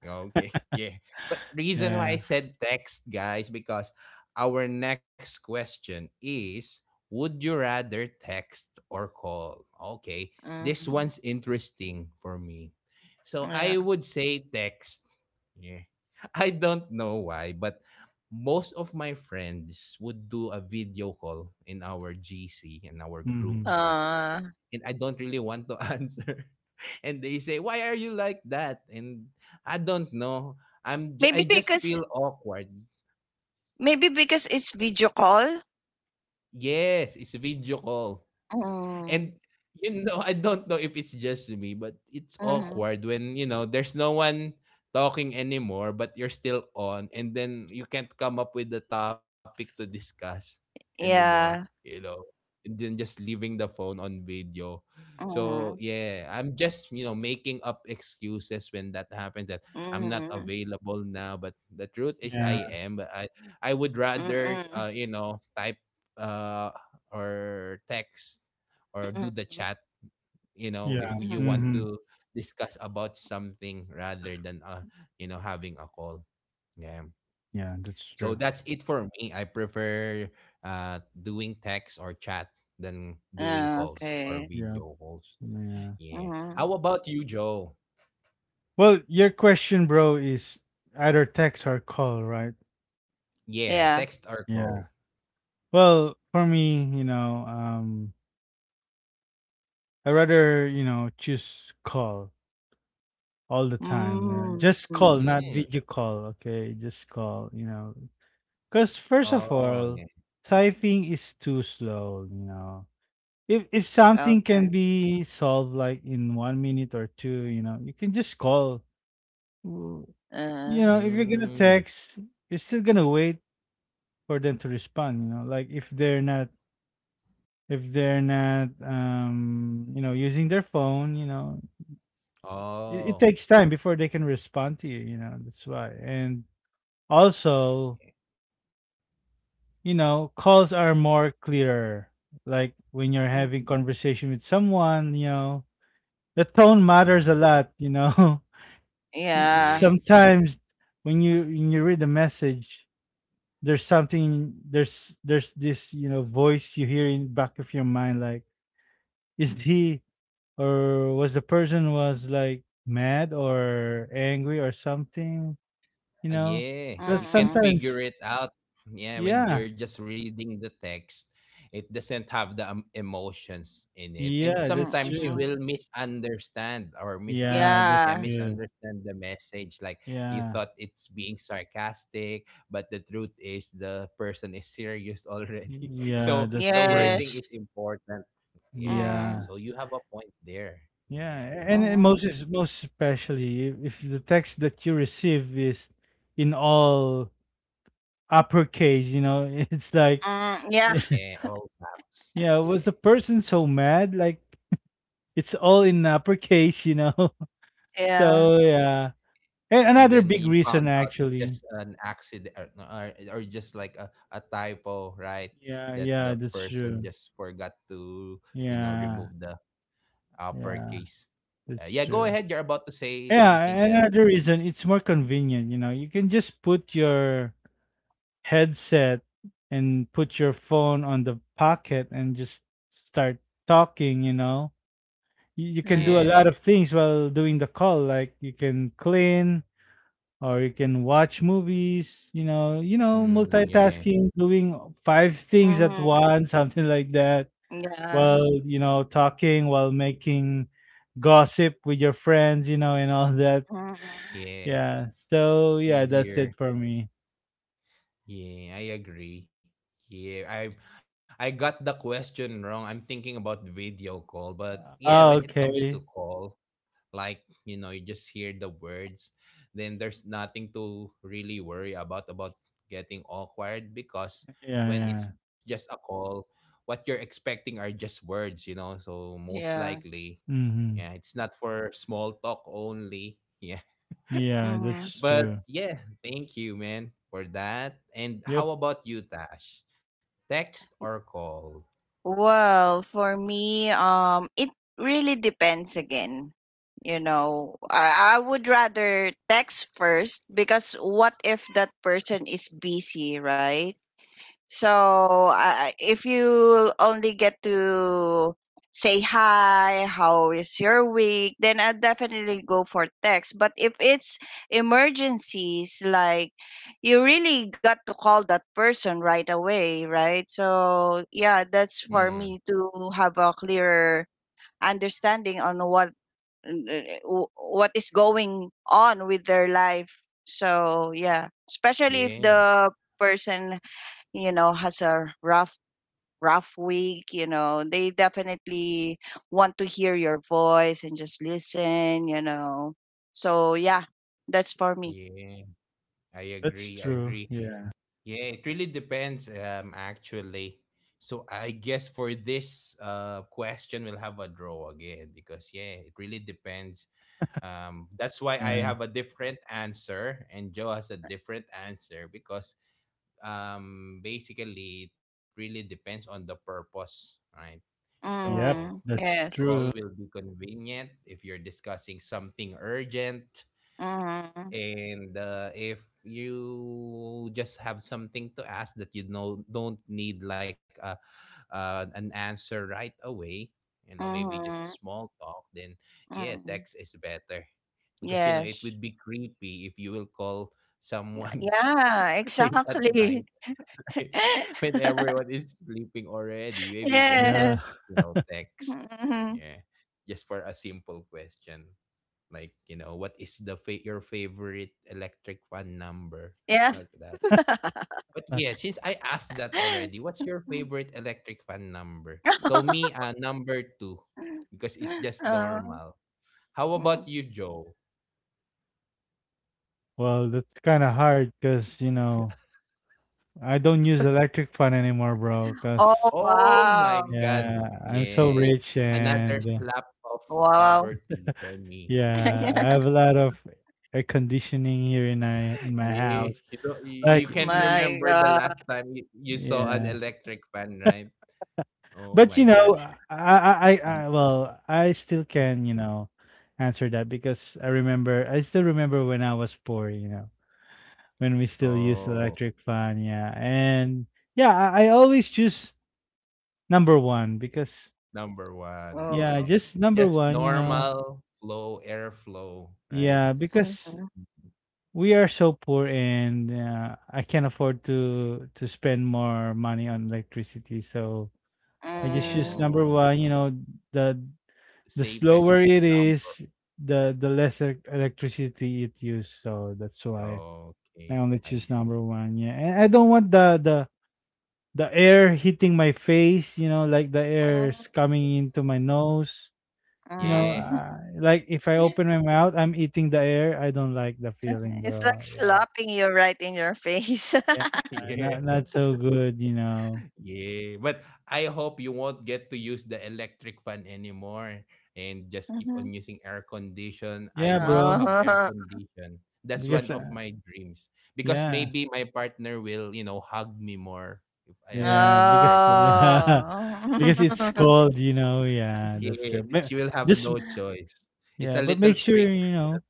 Speaker 1: Okay, yeah. But reason why I
Speaker 3: yeah,
Speaker 1: said text, guys, because our next question is would you rather text or call? Okay. This
Speaker 2: Mhm.
Speaker 1: one's interesting for me. So I
Speaker 2: Yeah.
Speaker 1: would say text. Yeah. I don't know why, but most of my friends would do a video call in our GC and our group
Speaker 3: hmm
Speaker 1: chat,
Speaker 2: Uh,
Speaker 1: and I don't really want to answer. And they say, "Why are you like that?" And I don't know. I
Speaker 2: Maybe
Speaker 1: just feel
Speaker 2: because
Speaker 1: awkward.
Speaker 2: Maybe because it's video call?
Speaker 1: Yes, it's a video call. And
Speaker 2: Mm,
Speaker 1: you know, I don't know if it's just me, but it's
Speaker 2: mhm.
Speaker 1: awkward when, there's no one talking anymore, but you're still on, and then you can't come up with the topic to discuss anymore, you
Speaker 2: Yeah.
Speaker 1: know. And then just leaving the phone on video. So
Speaker 2: Mm,
Speaker 1: yeah, I'm just, making up excuses when that happens that I'm not
Speaker 2: mhm.
Speaker 1: available now. But the truth is
Speaker 3: yeah,
Speaker 1: I am. But I would
Speaker 2: Mm,
Speaker 1: rather
Speaker 2: mhm.
Speaker 1: type uh or text or do the chat
Speaker 3: yeah,
Speaker 1: if you
Speaker 2: Mhm.
Speaker 1: want to discuss about something rather than having a call, yeah.
Speaker 3: yeah. That's
Speaker 1: So
Speaker 3: true.
Speaker 1: that's it for me. I prefer doing text or chat than doing
Speaker 2: Ah,
Speaker 1: calls or
Speaker 2: okay.
Speaker 3: Yeah,
Speaker 1: video calls,
Speaker 3: yeah.
Speaker 1: yeah. How
Speaker 2: Mhm.
Speaker 1: about you, Joe?
Speaker 3: Well, your question, bro, is either text or call, right?
Speaker 1: Yeah,
Speaker 2: Yeah.
Speaker 1: text or
Speaker 3: Yeah.
Speaker 1: call.
Speaker 3: Well, for me, you know, I rather you know choose call all the time. Just
Speaker 2: Mm,
Speaker 3: call, not
Speaker 1: Mm.
Speaker 3: video call. Okay, just call. You know, because first of
Speaker 1: Oh,
Speaker 3: all,
Speaker 1: yeah.
Speaker 3: typing is too slow. You know, if something
Speaker 2: okay.
Speaker 3: can be solved like in 1 minute or two, you know, you can just call. W-
Speaker 2: Uh,
Speaker 3: You know, if you're gonna
Speaker 1: Mm.
Speaker 3: text, you're still gonna wait for them to respond. You know, like if they're not you know using their phone, you know, it takes
Speaker 1: Oh.
Speaker 3: time before they can respond to you. You know, that's why. And also, you know, calls are more clearer. Like when you're
Speaker 2: mm.
Speaker 3: having conversation with someone, you know, the tone matters a
Speaker 1: Mm.
Speaker 3: lot. You know.
Speaker 2: Yeah.
Speaker 1: Yes.
Speaker 3: Sometimes when you read the message there's this you know voice you hear in back of your mind like is he or was the person was like mad or angry or something you know
Speaker 1: Yeah,
Speaker 3: because
Speaker 1: you can't
Speaker 2: Mm,
Speaker 3: sometimes
Speaker 1: figure it out. Yeah, when
Speaker 3: yeah
Speaker 1: you're just reading the text, it doesn't have the emotions in it, and
Speaker 3: yeah that's
Speaker 1: sometimes you
Speaker 3: true
Speaker 2: mm.
Speaker 1: will misunderstand or misun
Speaker 3: yeah that's
Speaker 1: yeah,
Speaker 2: Yeah.
Speaker 3: true
Speaker 1: misunderstand the message. Like, you
Speaker 3: yeah
Speaker 1: thought it's being sarcastic, but the truth is the person is serious already.
Speaker 3: yeah
Speaker 1: So
Speaker 3: that's
Speaker 1: the
Speaker 3: true
Speaker 1: wording
Speaker 2: Yes.
Speaker 1: is important. Yeah,
Speaker 2: Mm,
Speaker 3: yeah.
Speaker 1: so you have a point there. Yeah,
Speaker 3: Yeah, and
Speaker 2: mhm.
Speaker 3: most especially if the text that you receive is in all uppercase, you know, it's like,
Speaker 2: Mm, yeah.
Speaker 1: yeah, all caps.
Speaker 3: yeah, was the
Speaker 1: Yeah.
Speaker 3: person so mad? Like it's all in uppercase, you know. So
Speaker 2: Yeah.
Speaker 3: yeah, and another
Speaker 1: And
Speaker 3: big
Speaker 1: then you
Speaker 3: reason
Speaker 1: found out it's
Speaker 3: actually.
Speaker 1: just an accident, or no, or just like a typo, right?
Speaker 3: Yeah,
Speaker 1: That
Speaker 3: yeah,
Speaker 1: the
Speaker 3: that's true.
Speaker 1: person just forgot to,
Speaker 3: Yeah,
Speaker 1: remove the
Speaker 3: yeah,
Speaker 1: uppercase.
Speaker 3: that's
Speaker 1: Yeah,
Speaker 3: true.
Speaker 1: go ahead, you're about to say
Speaker 3: Yeah,
Speaker 1: something
Speaker 3: another
Speaker 1: else.
Speaker 3: reason it's more convenient, you know. You can just put your headset and put your phone on the pocket and just start talking, you know. You can do a
Speaker 2: Uh,
Speaker 3: lot of
Speaker 1: Yes.
Speaker 3: things while doing the call, like you can clean or you can watch movies, you know,
Speaker 1: Mm, yeah.
Speaker 3: multitasking, doing five things at
Speaker 2: mhm.
Speaker 3: once, something like that, while,
Speaker 2: Yeah.
Speaker 3: you know, talking, while making gossip with your friends, you know, and all that.
Speaker 2: Mm,
Speaker 1: Yeah,
Speaker 3: Yeah. So,
Speaker 1: it's
Speaker 3: yeah, that's it
Speaker 1: easier.
Speaker 3: for me.
Speaker 1: Yeah, I agree. Yeah, I got the question wrong. I'm thinking about video call, but yeah, when
Speaker 3: Oh,
Speaker 1: it comes to
Speaker 3: okay.
Speaker 1: call, like, you just hear the words, then there's nothing to really worry about getting awkward. Because
Speaker 3: Yeah,
Speaker 1: when it's
Speaker 3: yeah.
Speaker 1: just a call, what you're expecting are just words, so most
Speaker 2: yeah.
Speaker 1: likely, yeah,
Speaker 3: Mhm.
Speaker 1: it's not for small talk only, yeah.
Speaker 3: Yeah, that's
Speaker 2: Mhm.
Speaker 1: But
Speaker 3: true.
Speaker 1: yeah, thank you, man, for that. And
Speaker 3: Yep,
Speaker 1: how about you, Tash? Text or call?
Speaker 2: Well, for me, it really depends again. You know, I would rather text first, because what if that person is busy, right? So I, if you only get to say hi, how is your week, then I definitely go for text. But if it's emergencies, like, you really got to call that person right away, right? So yeah, that's
Speaker 1: Hmm.
Speaker 2: for me, to have a clearer understanding on what what is going on with their life. So yeah, especially if
Speaker 1: Yeah.
Speaker 2: the person, you know, has a rough week, you know they definitely want to hear your voice and just listen, you know. So yeah, that's for me.
Speaker 1: Yeah. I
Speaker 3: that's
Speaker 1: agree. I
Speaker 3: true.
Speaker 1: agree.
Speaker 3: Yeah,
Speaker 1: Yeah, it really depends, actually. So I guess for this question we'll have a draw again, because yeah, it really depends. That's why I
Speaker 3: yeah,
Speaker 1: have a different answer and Joe has a different answer, because basically it really depends on the purpose, right?
Speaker 3: yep,
Speaker 1: So
Speaker 2: Mm-hmm.
Speaker 3: that's
Speaker 2: Yes.
Speaker 1: call
Speaker 3: true.
Speaker 1: will be convenient if you're discussing something urgent,
Speaker 2: Mm-hmm.
Speaker 1: and if you just have something to ask that, don't need like a an answer right away, you know, maybe just a
Speaker 2: Mm-hmm.
Speaker 1: small talk, then yeah,
Speaker 2: Mm-hmm.
Speaker 1: text is better, because it would
Speaker 2: Yes.
Speaker 1: be creepy if you will call someone
Speaker 2: Yeah,
Speaker 1: late at
Speaker 2: exactly.
Speaker 1: night, right? When everyone is sleeping already, maybe you can
Speaker 3: Yeah.
Speaker 1: just,
Speaker 2: Yes.
Speaker 1: text.
Speaker 2: Mm-hmm.
Speaker 1: Yeah. Just for a simple question. Like, what is the your favorite electric fan number?
Speaker 2: Yeah.
Speaker 1: Like that. But yeah, since I asked that already, what's your favorite electric fan number? So me, number two, because it's just
Speaker 2: Uh,
Speaker 1: normal. How about
Speaker 2: mm.
Speaker 1: you, Joe?
Speaker 3: Well, that's kind of hard because, you know, I don't use electric fan anymore, bro.
Speaker 2: Oh,
Speaker 3: Because,
Speaker 1: Oh my
Speaker 2: wow.
Speaker 1: God.
Speaker 3: yeah, I'm
Speaker 1: Yeah.
Speaker 3: so rich
Speaker 1: Another
Speaker 3: and,
Speaker 1: slap of
Speaker 2: Wow.
Speaker 1: poverty for me.
Speaker 3: yeah, I have a lot of air conditioning here in my
Speaker 1: Yeah,
Speaker 3: house.
Speaker 1: you don't, you
Speaker 3: Like,
Speaker 1: can't
Speaker 2: My
Speaker 1: remember the last
Speaker 2: God.
Speaker 1: time you, you saw an
Speaker 3: yeah.
Speaker 1: electric fan, right? Oh
Speaker 3: But
Speaker 1: my
Speaker 3: you
Speaker 1: god.
Speaker 3: know, I, I, I, I well, I still can, answer that because I remember, I still remember when I was poor, you know, when we still used
Speaker 1: Oh,
Speaker 3: electric fan, yeah, and yeah, I always choose number one because
Speaker 1: number one.
Speaker 3: yeah,
Speaker 2: Oh.
Speaker 1: Yeah.
Speaker 3: just number
Speaker 1: Just
Speaker 3: one, you know,
Speaker 1: normal flow, airflow, right?
Speaker 3: yeah, because
Speaker 2: Hmm.
Speaker 3: we are so poor and I can't afford to spend more money on electricity, so I just choose
Speaker 2: Mm,
Speaker 3: number
Speaker 1: Oh,
Speaker 3: one, you know, the the slower
Speaker 1: safest
Speaker 3: it
Speaker 1: number.
Speaker 3: is, the less electricity it use. So that's why I
Speaker 1: Okay,
Speaker 3: only choose
Speaker 1: I see.
Speaker 3: number one. Yeah, and I don't want the air hitting my face. You know, like the
Speaker 2: mm,
Speaker 3: air's coming into my nose. You know,
Speaker 1: Yeah.
Speaker 2: mm.
Speaker 3: like if I open my mouth, I'm eating the air. I don't like the feeling,
Speaker 2: It's like
Speaker 3: bro. Yeah,
Speaker 2: slapping you right in your face.
Speaker 3: yeah, not
Speaker 1: Yeah.
Speaker 3: not so good. You know,
Speaker 1: Yeah, but I hope you won't get to use the electric fan anymore and just keep
Speaker 2: Mhm.
Speaker 1: on using air condition. I
Speaker 3: yeah,
Speaker 1: want to
Speaker 3: bro.
Speaker 1: have air
Speaker 2: Oh.
Speaker 1: condition. That's
Speaker 3: Because
Speaker 1: one of my dreams, because
Speaker 3: yeah,
Speaker 1: maybe my partner will, hug me more if I
Speaker 2: Oh.
Speaker 1: have
Speaker 3: yeah,
Speaker 1: air
Speaker 3: because
Speaker 1: conditioning.
Speaker 3: because it's cold, you know. Yeah, that's
Speaker 1: Yeah,
Speaker 3: true.
Speaker 1: she will have
Speaker 3: Just,
Speaker 1: no choice. It's a
Speaker 3: yeah, but
Speaker 1: little
Speaker 3: make sure,
Speaker 1: trick.
Speaker 3: you know.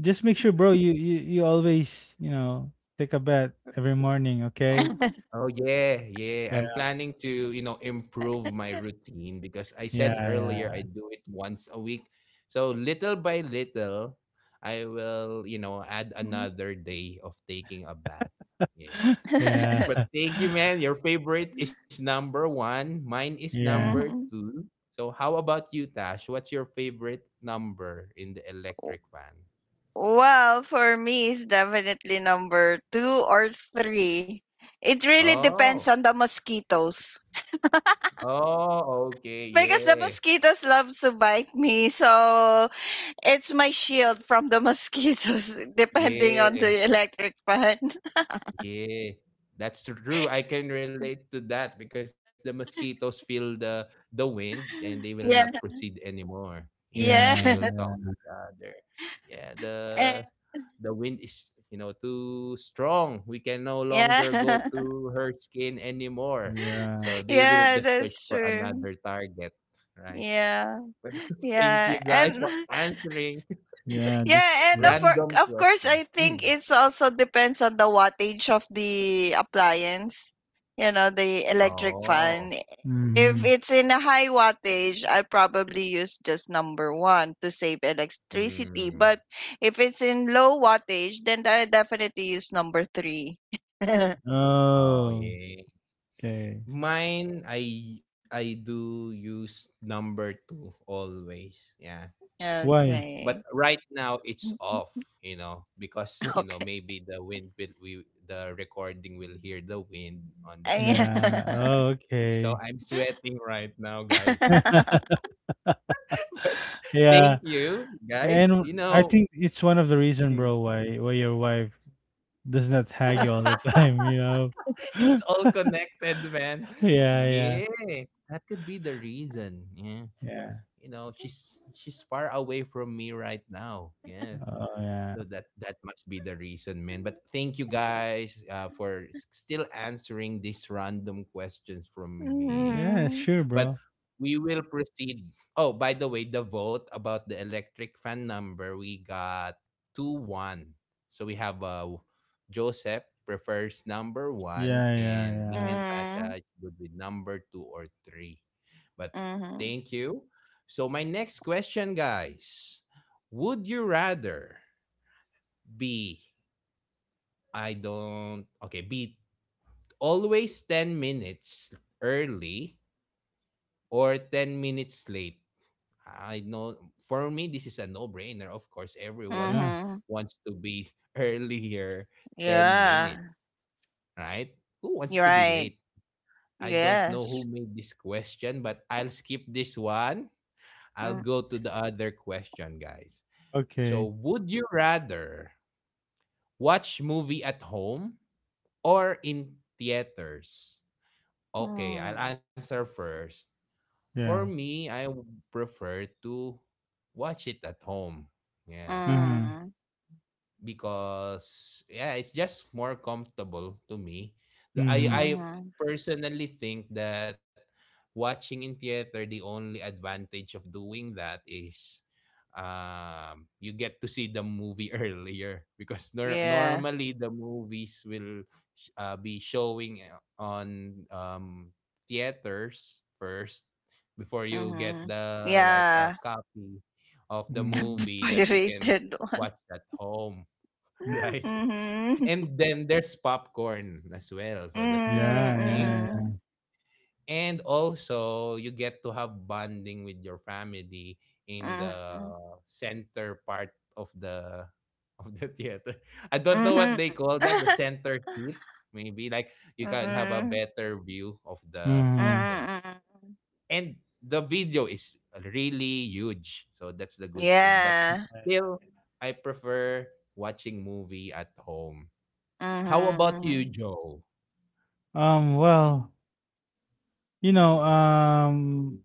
Speaker 3: Just make sure, bro. You always, you know take a bath every morning. Okay.
Speaker 1: Oh yeah, yeah. I'm
Speaker 3: Yeah.
Speaker 1: planning to, improve my routine, because I
Speaker 3: Yeah.
Speaker 1: said earlier
Speaker 3: Yeah.
Speaker 1: I do it once a week. So little by little, I will, add another day of taking a bath. Yeah.
Speaker 3: Yeah.
Speaker 1: But thank you, man. Your favorite is number one. Mine is
Speaker 3: Yeah.
Speaker 1: number
Speaker 2: Mhm.
Speaker 1: two. So how about you, Tash? What's your favorite number in the
Speaker 2: W-
Speaker 1: electric fan?
Speaker 2: Well, for me, it's definitely number two or three. It really depends on the
Speaker 1: Oh.
Speaker 2: mosquitoes.
Speaker 1: Oh, okay.
Speaker 2: Because the
Speaker 1: Yeah.
Speaker 2: mosquitoes love to bite me, so it's my shield from the mosquitoes, depending on
Speaker 1: Yeah.
Speaker 2: the electric fan.
Speaker 1: Yeah, that's true. I can relate to that, because the mosquitoes feel the wind, and they will not
Speaker 2: Yeah,
Speaker 1: proceed anymore. Yeah,
Speaker 2: yeah,
Speaker 1: they will
Speaker 3: Yeah.
Speaker 1: talk to each other. Yeah, the
Speaker 2: eh,
Speaker 1: the wind is, too strong. We can no
Speaker 2: yeah,
Speaker 1: longer go to her skin anymore.
Speaker 3: Yeah.
Speaker 1: So they will
Speaker 2: yeah.
Speaker 1: just search
Speaker 2: That's
Speaker 1: for
Speaker 2: true.
Speaker 1: another target, right?
Speaker 2: Yeah,
Speaker 1: But thank you
Speaker 2: yeah,
Speaker 1: guys
Speaker 2: and
Speaker 1: for answering
Speaker 3: Yeah. That's
Speaker 2: yeah, and
Speaker 3: true.
Speaker 2: of
Speaker 1: random
Speaker 2: of course,
Speaker 1: questions.
Speaker 2: I think
Speaker 1: Mm.
Speaker 2: it's also depends on the wattage of the appliance. You know, the electric
Speaker 1: Oh.
Speaker 2: fan.
Speaker 3: Mm-hmm.
Speaker 2: If it's in a high wattage, I probably use just number one to save electricity.
Speaker 1: Mm.
Speaker 2: But if it's in low wattage, then I definitely use number three.
Speaker 1: Oh
Speaker 3: Oh.
Speaker 1: yeah.
Speaker 3: Okay.
Speaker 1: Mine, I do use number two always. Yeah.
Speaker 3: Why?
Speaker 1: But
Speaker 2: Okay.
Speaker 1: right now it's off, because
Speaker 3: Wh-
Speaker 2: Okay.
Speaker 1: maybe the recording will hear the wind on the
Speaker 2: Yeah.
Speaker 1: electric
Speaker 3: Yeah.
Speaker 1: fan.
Speaker 3: Oh.
Speaker 1: So
Speaker 3: Okay.
Speaker 1: I'm sweating right now, guys. But
Speaker 3: Yeah,
Speaker 1: thank you, guys.
Speaker 3: and I think it's one of the reason,
Speaker 1: Mm,
Speaker 3: bro, why your wife does not hag you all the time, you know?
Speaker 1: it's all connected, man.
Speaker 3: Yeah,
Speaker 1: Yeah,
Speaker 3: yeah,
Speaker 1: that could be the reason. Yeah.
Speaker 3: yeah.
Speaker 1: She's far away from me right now. Yeah.
Speaker 3: Oh, yeah.
Speaker 1: So that must be the reason, man. But thank you guys, for still answering these random questions from me.
Speaker 3: Yeah,
Speaker 2: Mm-hmm.
Speaker 1: But
Speaker 3: sure, bro.
Speaker 1: we will proceed. Oh, by the way, the vote about the electric fan number, we got 2-1. So we have, Joseph prefers number
Speaker 3: Yeah,
Speaker 1: one,
Speaker 3: yeah,
Speaker 1: and
Speaker 3: yeah.
Speaker 1: me and
Speaker 2: Mm-hmm.
Speaker 1: Tasha is good with number two or three. But thank you. So my next question, guys. Would you rather B, I don't. Okay, B, always 10 minutes early or 10 minutes late. I know for me, this is a no brainer. Of course, everyone
Speaker 3: Yeah,
Speaker 2: Mm-hmm.
Speaker 1: wants to be earlier 10 minutes,
Speaker 2: Yeah.
Speaker 1: right? Who wants
Speaker 2: You're
Speaker 1: to be
Speaker 2: right.
Speaker 1: late? I don't know
Speaker 2: Yes.
Speaker 1: who made this question, but I'll skip this one. I'll
Speaker 2: Mm-mm.
Speaker 1: go to the other question, guys. So,
Speaker 3: okay.
Speaker 1: would you rather watch movie at home or in theaters? Okay, I'll
Speaker 2: Mm.
Speaker 1: answer first. For
Speaker 3: Yeah.
Speaker 1: me, prefer to watch it at home. Yeah,
Speaker 3: Uh huh.
Speaker 2: Hmm.
Speaker 1: because yeah, it's just more comfortable to me.
Speaker 3: Mhm,
Speaker 1: The-
Speaker 2: Mm,
Speaker 1: I
Speaker 2: mm,
Speaker 3: mhm,
Speaker 1: I
Speaker 2: hmm.
Speaker 1: personally think that watching in theater, the only advantage of doing that is, you get to see the movie earlier, because
Speaker 2: Yeah.
Speaker 1: normally the movies will be showing on theaters first, before you get
Speaker 2: Mm-hmm.
Speaker 1: the like a
Speaker 2: Yeah.
Speaker 1: copy of the
Speaker 3: mhm,
Speaker 1: movie that you can
Speaker 2: Pirated one.
Speaker 1: watch at home,
Speaker 3: mm.
Speaker 1: right?
Speaker 2: Mm-hmm.
Speaker 1: And then there's popcorn as well. So that's
Speaker 3: Yeah,
Speaker 1: the good thing.
Speaker 3: yeah,
Speaker 2: Mm-hmm.
Speaker 3: yeah.
Speaker 1: And also, you get to have bonding with your family in the
Speaker 2: Mm-hmm.
Speaker 1: center part of the of the theater. I don't know what
Speaker 2: Mm-hmm.
Speaker 1: they call that, the center seat. Maybe like, you can have a
Speaker 2: Mm.
Speaker 1: better view of the of
Speaker 3: Mhm.
Speaker 1: the movie.
Speaker 2: Mm-mm.
Speaker 1: And the video is really huge. So that's the good thing. But
Speaker 2: Yeah.
Speaker 1: still, I prefer watching movie at home. How about you,
Speaker 2: Mm-hmm.
Speaker 1: Joe?
Speaker 3: Well, you know,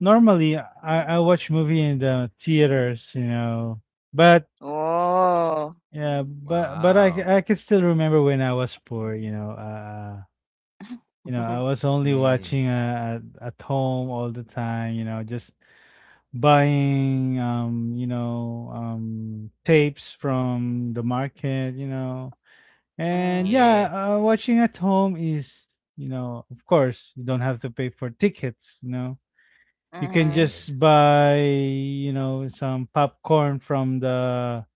Speaker 3: normally I watch movie in the theaters, you know, but
Speaker 2: Oh.
Speaker 3: yeah, but
Speaker 1: Wow.
Speaker 3: I can still remember when I was poor, you know, you know, I was only
Speaker 1: Mm.
Speaker 3: watching, at home all the time. You know, just buying, you know, tapes from the market. You know, and
Speaker 2: Mm.
Speaker 1: Yeah.
Speaker 3: yeah, watching at home is, you know, of course, you don't have to pay for tickets. You know, you can
Speaker 2: Mm-hmm.
Speaker 1: Yes.
Speaker 3: just buy, some popcorn from the,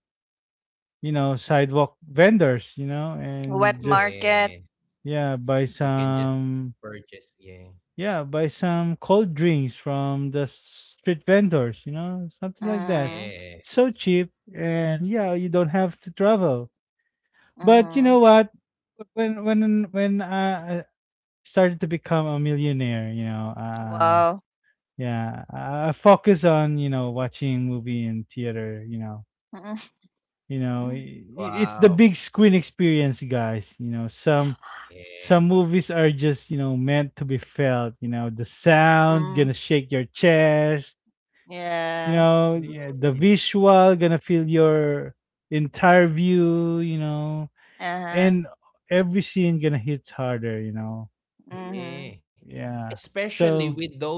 Speaker 3: sidewalk vendors. You know, and
Speaker 2: Wet
Speaker 3: just,
Speaker 2: market.
Speaker 1: Yes.
Speaker 3: yeah, buy
Speaker 1: You can just
Speaker 3: some
Speaker 1: purchase. Yeah.
Speaker 3: Yeah, buy some cold drinks from the street vendors, you know, something like that.
Speaker 2: Mm.
Speaker 1: Yes.
Speaker 3: So cheap, and yeah, you don't have to travel. But you know
Speaker 2: Mm-hmm.
Speaker 3: what? When I started to become a millionaire, you know,
Speaker 2: Wow.
Speaker 3: yeah, I focus on, you know, watching movie in theater, you know. You know, it's the
Speaker 1: Wow.
Speaker 3: big screen experience, guys, you know. Some
Speaker 1: Yeah.
Speaker 3: movies are just, you know, meant to be felt, you know. The sound gonna
Speaker 2: Mm,
Speaker 3: shake your chest, you
Speaker 2: yeah.
Speaker 3: know. Yeah, the
Speaker 1: Mm.
Speaker 3: visual gonna fill your entire view, you know. And
Speaker 2: Uh-huh.
Speaker 3: every scene gonna hit harder, you know.
Speaker 1: Yeah.
Speaker 2: Mm-hmm.
Speaker 3: Yeah,
Speaker 1: Especially with
Speaker 3: so
Speaker 1: those.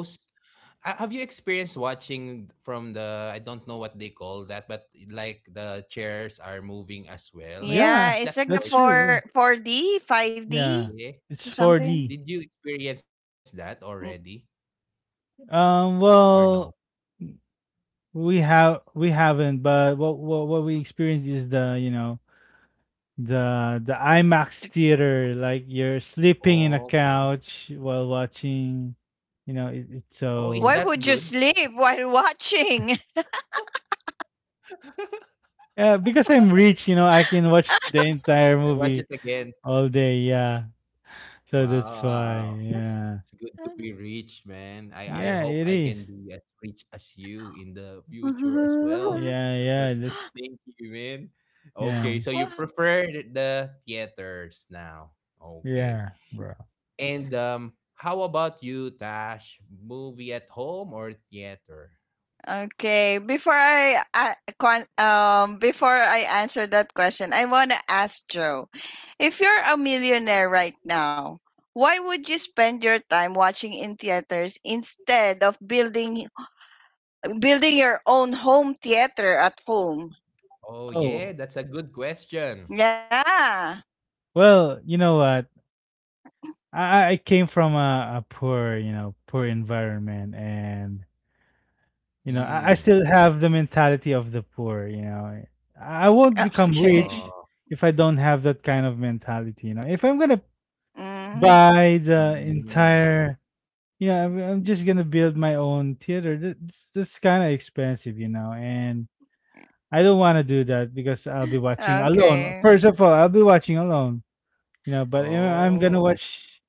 Speaker 1: Have you experienced watching from the, I don't know what they call that, but like, the chairs are moving as well. Like, is
Speaker 3: yeah,
Speaker 2: Yeah,
Speaker 1: that
Speaker 2: it's like the
Speaker 3: that's
Speaker 1: 4D?
Speaker 3: true,
Speaker 1: Like,
Speaker 2: 4
Speaker 3: bro.
Speaker 2: 4D, 5D,
Speaker 3: Yeah,
Speaker 1: yeah.
Speaker 2: or
Speaker 3: it's
Speaker 2: something.
Speaker 3: 4D.
Speaker 1: Did you experience that already
Speaker 2: Mm.
Speaker 1: or no?
Speaker 3: Well, we haven't, but what we experience is, the you know, the IMAX theater, like you're sleeping
Speaker 1: Oh,
Speaker 3: in a
Speaker 1: okay.
Speaker 3: couch while watching, you know. It's
Speaker 1: Oh, is
Speaker 3: so.
Speaker 2: Why
Speaker 1: that
Speaker 2: would
Speaker 1: good?
Speaker 2: you sleep while watching?
Speaker 3: Yeah, because I'm rich, you know, I can watch the entire
Speaker 1: I watch it
Speaker 3: movie
Speaker 1: again.
Speaker 3: all day, yeah. So that's why,
Speaker 1: Wow.
Speaker 3: yeah.
Speaker 1: It's good to be rich, man. I
Speaker 3: Yeah,
Speaker 1: hope
Speaker 3: it
Speaker 1: I can
Speaker 3: is.
Speaker 1: be as rich as you in the future as well.
Speaker 3: Yeah,
Speaker 1: But
Speaker 3: yeah, that's
Speaker 1: thank you, man.
Speaker 3: yeah.
Speaker 1: Okay, so you prefer the theaters now. Okay.
Speaker 3: Yeah, bro.
Speaker 1: And how about you, Tash? Movie at home or theater?
Speaker 2: Okay, before I before I answer that question, I want to ask Joe, if you're a millionaire right now, why would you spend your time watching in theaters instead of building your own home theater at home?
Speaker 1: Oh yeah,
Speaker 3: Oh,
Speaker 1: that's a good question.
Speaker 2: Yeah.
Speaker 3: well, you know what? I came from a poor, you know, poor environment. And you know, I
Speaker 1: Hmm.
Speaker 3: still have the mentality of the poor, you know. I won't become
Speaker 2: Okay.
Speaker 3: rich
Speaker 1: Oh.
Speaker 3: if I don't have that kind of mentality, you know. If I'm gonna
Speaker 2: Mm,
Speaker 3: buy the
Speaker 1: Mm.
Speaker 3: entire, you know, I'm just gonna build my own theater. That's kind of expensive, you know. And I don't want to do that because I'll be watching alone.
Speaker 2: okay.
Speaker 3: First of all, I'll be watching alone, you know. But if I'm gonna
Speaker 1: Oh.
Speaker 3: watch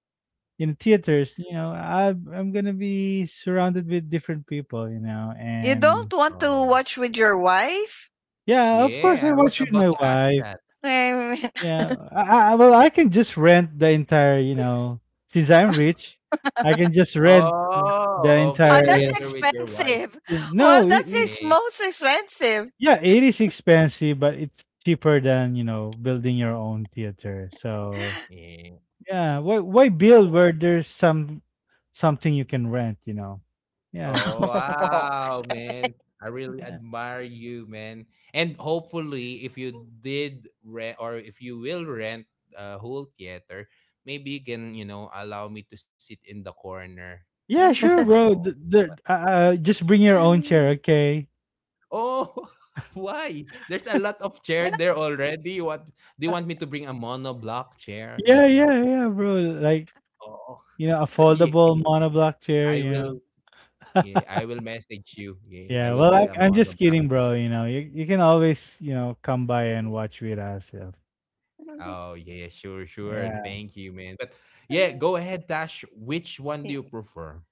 Speaker 3: in theaters, you know, I'm gonna be surrounded with different people, you know.
Speaker 2: You don't
Speaker 3: And
Speaker 2: want to
Speaker 1: Oh.
Speaker 2: watch with your wife?
Speaker 3: yeah, of
Speaker 1: Yeah,
Speaker 3: course
Speaker 1: I
Speaker 3: I
Speaker 1: was
Speaker 3: watch with
Speaker 1: about
Speaker 3: my
Speaker 1: to ask
Speaker 3: wife.
Speaker 1: that.
Speaker 2: I mean,
Speaker 3: Yeah, well, I can just rent the entire, you know, since I'm rich, I can just rent
Speaker 1: Oh,
Speaker 3: the
Speaker 1: okay,
Speaker 2: oh,
Speaker 3: entire.
Speaker 2: that's
Speaker 1: together with your wife.
Speaker 2: expensive. Well,
Speaker 3: No,
Speaker 2: that's is
Speaker 1: Yeah,
Speaker 2: most expensive.
Speaker 3: yeah, it is expensive, but it's cheaper than, you know, building your own theater. So
Speaker 1: yeah.
Speaker 3: yeah, why build
Speaker 1: Oh,
Speaker 3: where there's something you can rent, you know? Yeah,
Speaker 1: oh, wow, man. I really
Speaker 3: yeah,
Speaker 1: admire you, man. And hopefully, if you did rent or if you will rent a whole theater, maybe you can, allow me to sit in the corner
Speaker 3: yeah,
Speaker 1: on
Speaker 3: sure,
Speaker 1: my
Speaker 3: bro.
Speaker 1: own.
Speaker 3: Just bring your own chair, okay?
Speaker 1: Oh, why? There's a lot of chair there already. What do you want me to bring, a monoblock chair
Speaker 3: Yeah,
Speaker 1: like that?
Speaker 3: yeah, yeah, bro. Like
Speaker 1: Oh.
Speaker 3: You know, a
Speaker 1: Yeah.
Speaker 3: foldable monoblock
Speaker 1: I
Speaker 3: chair, you
Speaker 1: will
Speaker 3: know.
Speaker 1: yeah, I will message you. Yeah, I
Speaker 3: Yeah,
Speaker 1: will
Speaker 3: well,
Speaker 1: buy a
Speaker 3: I'm just
Speaker 1: monoblock.
Speaker 3: kidding, bro. You know, you can always, you know, come by and watch with us. Yeah.
Speaker 1: Oh yeah, sure, sure.
Speaker 3: Yeah.
Speaker 1: Thank you, man. But yeah, go ahead, Dash. Which one do
Speaker 2: Y-
Speaker 1: you prefer?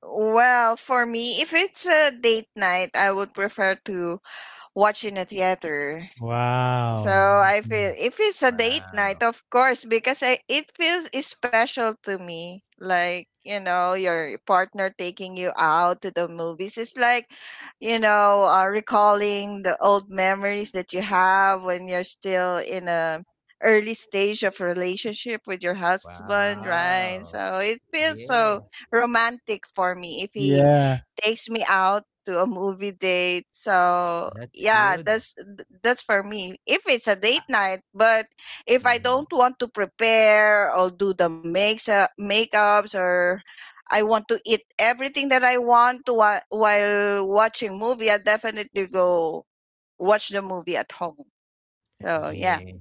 Speaker 2: well, for me, if it's a date night, I would prefer to watch in a theater. So
Speaker 3: Wow.
Speaker 2: I feel
Speaker 3: Mhm.
Speaker 2: if it's a date night,
Speaker 1: Wow.
Speaker 2: of course, because I, it feels special to me. Like, you know, your partner taking you out to the movies. It's like, you know, recalling the old memories that you have when you're still in a early stage of relationship with your husband, right?
Speaker 1: Wow.
Speaker 2: So it feels so
Speaker 1: Yeah,
Speaker 2: romantic for me if he
Speaker 3: Yeah.
Speaker 2: takes me out to a movie date. So
Speaker 1: that's
Speaker 2: yeah,
Speaker 1: good.
Speaker 2: that's that's for me. If it's a date night. But if I
Speaker 1: Mhm.
Speaker 2: don't want to prepare or do the makes makeups, or I want to eat everything that I want to while watching movie, I definitely go watch the movie at home. So yeah.
Speaker 1: Yeah.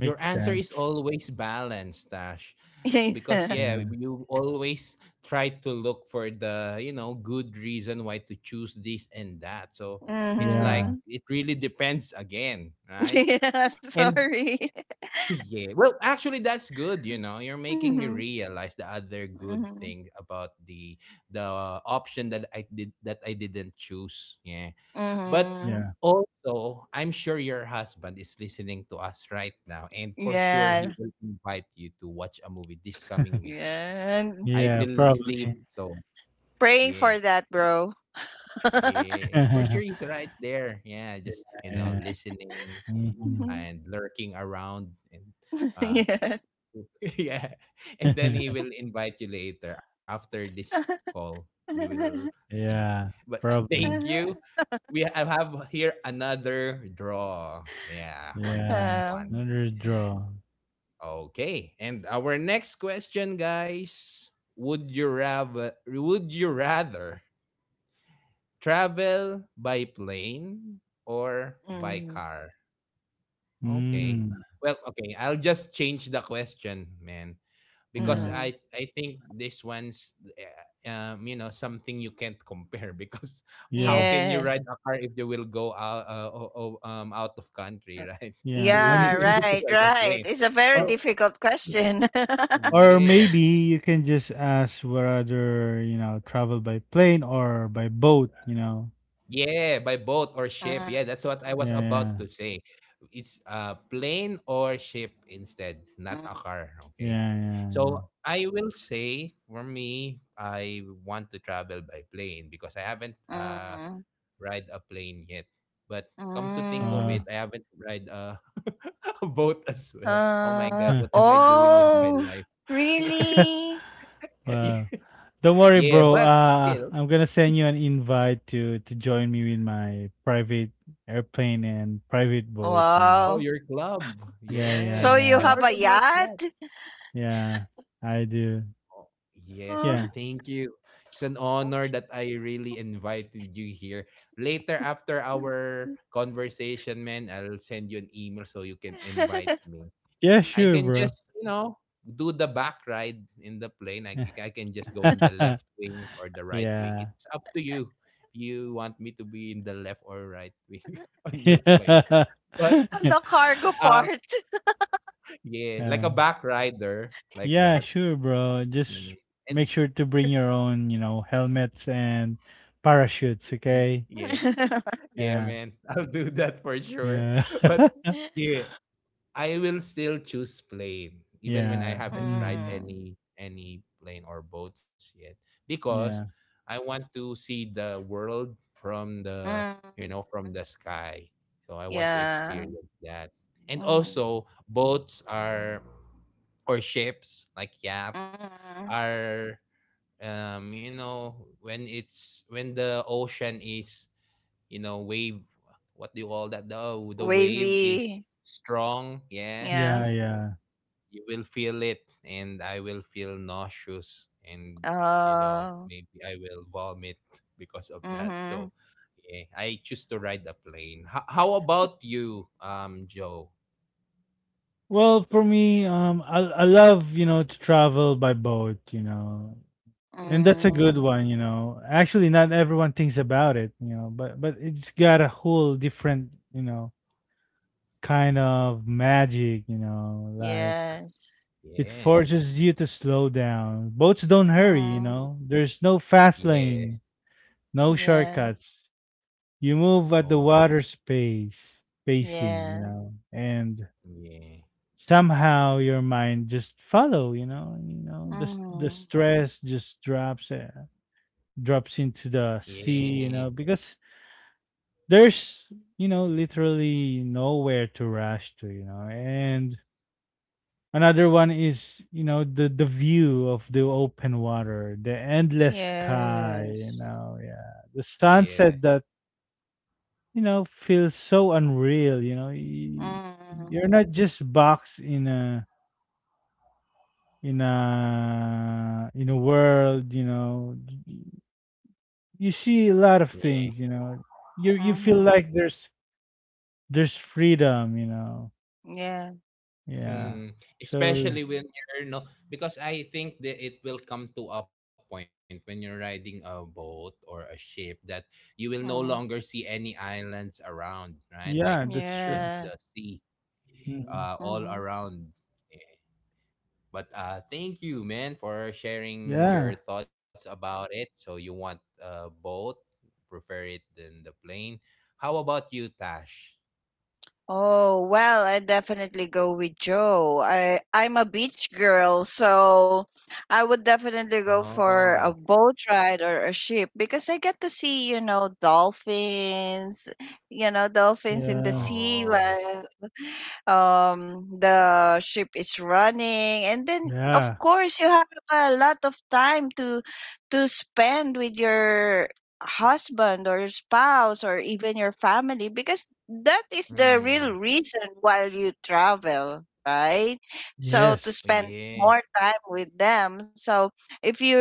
Speaker 1: Your answer is
Speaker 3: sense.
Speaker 1: always balanced, Dash. Because yeah,
Speaker 3: Yeah.
Speaker 1: you always try to look for the, good reason why to choose this and that. So it's like,
Speaker 3: Yeah.
Speaker 2: Mm-hmm.
Speaker 1: it really depends again, right?
Speaker 2: Yeah,
Speaker 1: And
Speaker 2: sorry.
Speaker 1: yeah, well, actually, that's good. You're making me
Speaker 2: Mm-hmm.
Speaker 1: realize the other good
Speaker 2: Mm-hmm.
Speaker 1: thing about the option that I did, that I didn't choose. Yeah, but
Speaker 2: Mm-hmm.
Speaker 3: Yeah.
Speaker 1: also, I'm sure your husband is listening to us right now, and for sure
Speaker 2: Yeah.
Speaker 1: he will invite you to watch a movie this coming weekend.
Speaker 2: Yeah.
Speaker 1: I
Speaker 3: Yeah.
Speaker 1: believe
Speaker 3: Probably.
Speaker 1: so. Yeah,
Speaker 2: Praying for that, bro.
Speaker 1: yeah, for sure he's right there. Yeah, just
Speaker 3: Yeah.
Speaker 1: listening
Speaker 3: Hmm.
Speaker 2: Mhm.
Speaker 1: and lurking around and uh
Speaker 2: Yeah.
Speaker 1: yeah. And then he will invite you later after this call. You will see.
Speaker 3: Yeah.
Speaker 1: But thank
Speaker 3: Probably.
Speaker 1: you. We I have here another draw. Yeah, on this
Speaker 3: Yeah.
Speaker 1: one.
Speaker 2: Um,
Speaker 3: Another draw.
Speaker 1: Okay. And our next question, guys. Would you rather travel by plane or by
Speaker 2: mm,
Speaker 1: car? Okay.
Speaker 3: Mm.
Speaker 1: Well, okay, I'll just change the question, man, because
Speaker 3: Yeah.
Speaker 2: mm,
Speaker 1: I think this one's something you can't compare because how
Speaker 3: Yeah.
Speaker 1: can you
Speaker 2: yes.
Speaker 1: ride a car if you will go out out of
Speaker 2: Uh,
Speaker 1: country, right?
Speaker 3: Yeah.
Speaker 1: You will
Speaker 2: yeah,
Speaker 1: really need to
Speaker 2: right,
Speaker 1: ride a
Speaker 2: right.
Speaker 1: plane.
Speaker 2: It's a very
Speaker 3: Uh,
Speaker 1: So
Speaker 2: difficult question.
Speaker 3: Or
Speaker 1: yeah.
Speaker 3: maybe you can just ask whether, you know, travel by plane or by boat, you know.
Speaker 1: Yeah, by boat or ship.
Speaker 2: Mm,
Speaker 1: Yeah, that's what I
Speaker 3: Yeah,
Speaker 1: was about
Speaker 3: yeah.
Speaker 1: to say. It's a plane or ship instead, not a
Speaker 2: mm,
Speaker 1: car. Okay. So
Speaker 3: Yeah,
Speaker 1: I will say for me, I want to travel by plane because I haven't
Speaker 2: mm,
Speaker 1: ride a plane yet. But come to think of
Speaker 3: yeah,
Speaker 2: mm.
Speaker 1: it, I haven't ride a boat as well. Oh my god, what
Speaker 3: yeah.
Speaker 1: am I doing with my
Speaker 2: Oh,
Speaker 1: life?
Speaker 3: Uh
Speaker 2: really?
Speaker 1: Yeah,
Speaker 3: well. Don't worry,
Speaker 1: yeah,
Speaker 3: bro.
Speaker 1: but still.
Speaker 3: I'm gonna send you an invite to join me in my private airplane and private boat, you know.
Speaker 1: Oh,
Speaker 2: Wow.
Speaker 1: your club.
Speaker 3: Yeah, yeah,
Speaker 2: So
Speaker 1: Yeah,
Speaker 2: you
Speaker 1: I
Speaker 3: yeah.
Speaker 2: have
Speaker 1: heard
Speaker 2: a
Speaker 1: about that.
Speaker 2: yacht?
Speaker 3: Yeah. I do.
Speaker 1: Oh, yes,
Speaker 2: Mm.
Speaker 1: man.
Speaker 3: Yeah.
Speaker 1: Thank you. It's an honor that I really invited you here. Later after our conversation, man, I'll send you an email so you can invite me.
Speaker 3: Yeah,
Speaker 1: I
Speaker 3: sure,
Speaker 1: can
Speaker 3: bro.
Speaker 1: just, you know, do the back ride in the plane. I can just go in the
Speaker 3: Yeah.
Speaker 1: left wing or the right wing.
Speaker 3: Yeah.
Speaker 1: It's up to you if you want me to be in the left or right wing on your plane. But
Speaker 2: On the cargo
Speaker 1: uh
Speaker 2: part.
Speaker 1: yeah, like
Speaker 3: Uh,
Speaker 1: a back rider like
Speaker 3: Yeah,
Speaker 1: that.
Speaker 3: sure, bro.
Speaker 1: Yeah.
Speaker 3: Just
Speaker 1: And
Speaker 3: make sure to bring your own, you know, helmets and parachutes, okay?
Speaker 1: yeah. Yeah,
Speaker 3: Yeah.
Speaker 1: man. I'll do that for sure.
Speaker 3: Yeah.
Speaker 1: But yeah, I will still choose plane, even when I
Speaker 3: Yeah.
Speaker 1: haven't tried
Speaker 3: Mhm.
Speaker 2: Mm,
Speaker 1: any plane or boats yet, because
Speaker 3: Yeah.
Speaker 1: I want to see the world from the
Speaker 2: mm,
Speaker 1: from the sky. So I want to
Speaker 2: yeah.
Speaker 1: experience that. And
Speaker 2: Mm,
Speaker 1: also, boats are or ships like yachts
Speaker 2: mm,
Speaker 1: are when it's when the ocean is wave, what do you call that, the, oh, the wave is
Speaker 2: wavy.
Speaker 1: strong, yeah,
Speaker 2: Yeah.
Speaker 3: Yeah, yeah.
Speaker 1: you will feel it and I will feel nauseous and
Speaker 2: Oh.
Speaker 1: maybe I will vomit because of that. So
Speaker 2: Mm-hmm.
Speaker 1: yeah, I choose to ride a plane. How about you, Joe?
Speaker 3: Well, for me, I love, you know, to travel by boat, you know. And that's a good
Speaker 2: Mm,
Speaker 3: one, you know. Actually, not everyone thinks about it, you know, but it's got a whole different, you know, kind of magic, you know.
Speaker 2: yes.
Speaker 3: It
Speaker 1: Yeah,
Speaker 3: forces you to slow down. Boats don't hurry, you
Speaker 2: Mm,
Speaker 3: know. There's no fast
Speaker 1: yeah,
Speaker 3: lane, no
Speaker 2: yeah.
Speaker 3: shortcuts. You move at the
Speaker 1: oh
Speaker 3: water's pace, pacing, you
Speaker 2: Yeah.
Speaker 3: know, and
Speaker 1: yeah,
Speaker 3: somehow your mind just follow, you know, the the
Speaker 2: Mm,
Speaker 3: stress just drops into the
Speaker 1: yeah,
Speaker 3: sea, you know, because there's, you know, literally nowhere to rush to, you know. And another one is, you know, the view of the open water, the endless sky, you
Speaker 2: yes.
Speaker 3: know, yeah. The
Speaker 1: yeah,
Speaker 3: sunset that, you know, feels so unreal, you know.
Speaker 2: Mm,
Speaker 3: You're not just boxed in a in a world, you know. y- You see a lot of things,
Speaker 1: yeah.
Speaker 3: you know. You feel
Speaker 2: mm-hmm.
Speaker 3: like there's freedom, you know.
Speaker 2: Yeah.
Speaker 3: Yeah.
Speaker 1: Hmm,
Speaker 3: So,
Speaker 1: especially when you're no, because I think that it will come to a point when you're riding a boat or a ship that you will no longer see
Speaker 2: Mm,
Speaker 1: any islands around, right? Like it's
Speaker 3: yeah, that's
Speaker 1: just the
Speaker 3: true.
Speaker 2: yeah.
Speaker 1: sea all
Speaker 3: Mhm.
Speaker 2: Mm-hmm.
Speaker 1: around. Eh, But thank you, man, for sharing your
Speaker 3: Yeah.
Speaker 1: thoughts about it. So you want a boat, prefer it than the plane. How about you, Tash?
Speaker 2: Oh, well, I definitely go with Joe. I I'm a beach girl, so I would definitely go
Speaker 1: Oh,
Speaker 2: for a boat ride or a ship, because I get to see, you know, dolphins in the
Speaker 3: Yeah.
Speaker 1: oh,
Speaker 2: sea while the ship is running, and then of
Speaker 3: Yeah.
Speaker 2: course you have a lot of time to spend with your husband or your spouse or even your family, because that is
Speaker 1: hmm,
Speaker 2: the real reason while you travel, right? So to
Speaker 3: Yes,
Speaker 1: yeah,
Speaker 2: spend more time with them. So if you,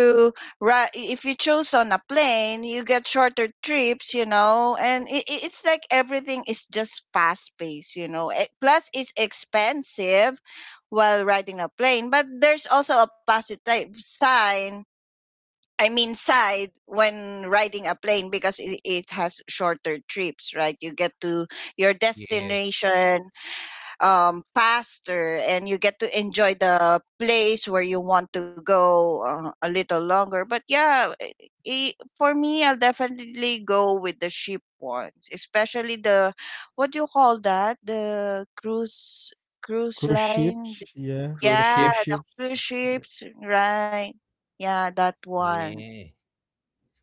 Speaker 2: right, if you choose on a plane, you get shorter trips, you know, and it's like everything is just fast paced, you know. Eh, plus, it's expensive while riding a plane, but there's also a positive sign. I mean, side when riding a plane, because it has shorter trips, right? You get to your
Speaker 1: yes.
Speaker 2: destination faster, and you get to enjoy the place where you want to go a little longer. But yeah, for me, I'll definitely go with the ship ones, especially the, what do you call that? The cruise
Speaker 3: cruise ships.
Speaker 2: line. The,
Speaker 3: Yeah,
Speaker 1: Cruise
Speaker 3: the
Speaker 1: ship.
Speaker 2: yeah,
Speaker 3: cruise
Speaker 2: the
Speaker 3: ships.
Speaker 2: cruise ships, right? Yeah, that one.
Speaker 1: Yeah.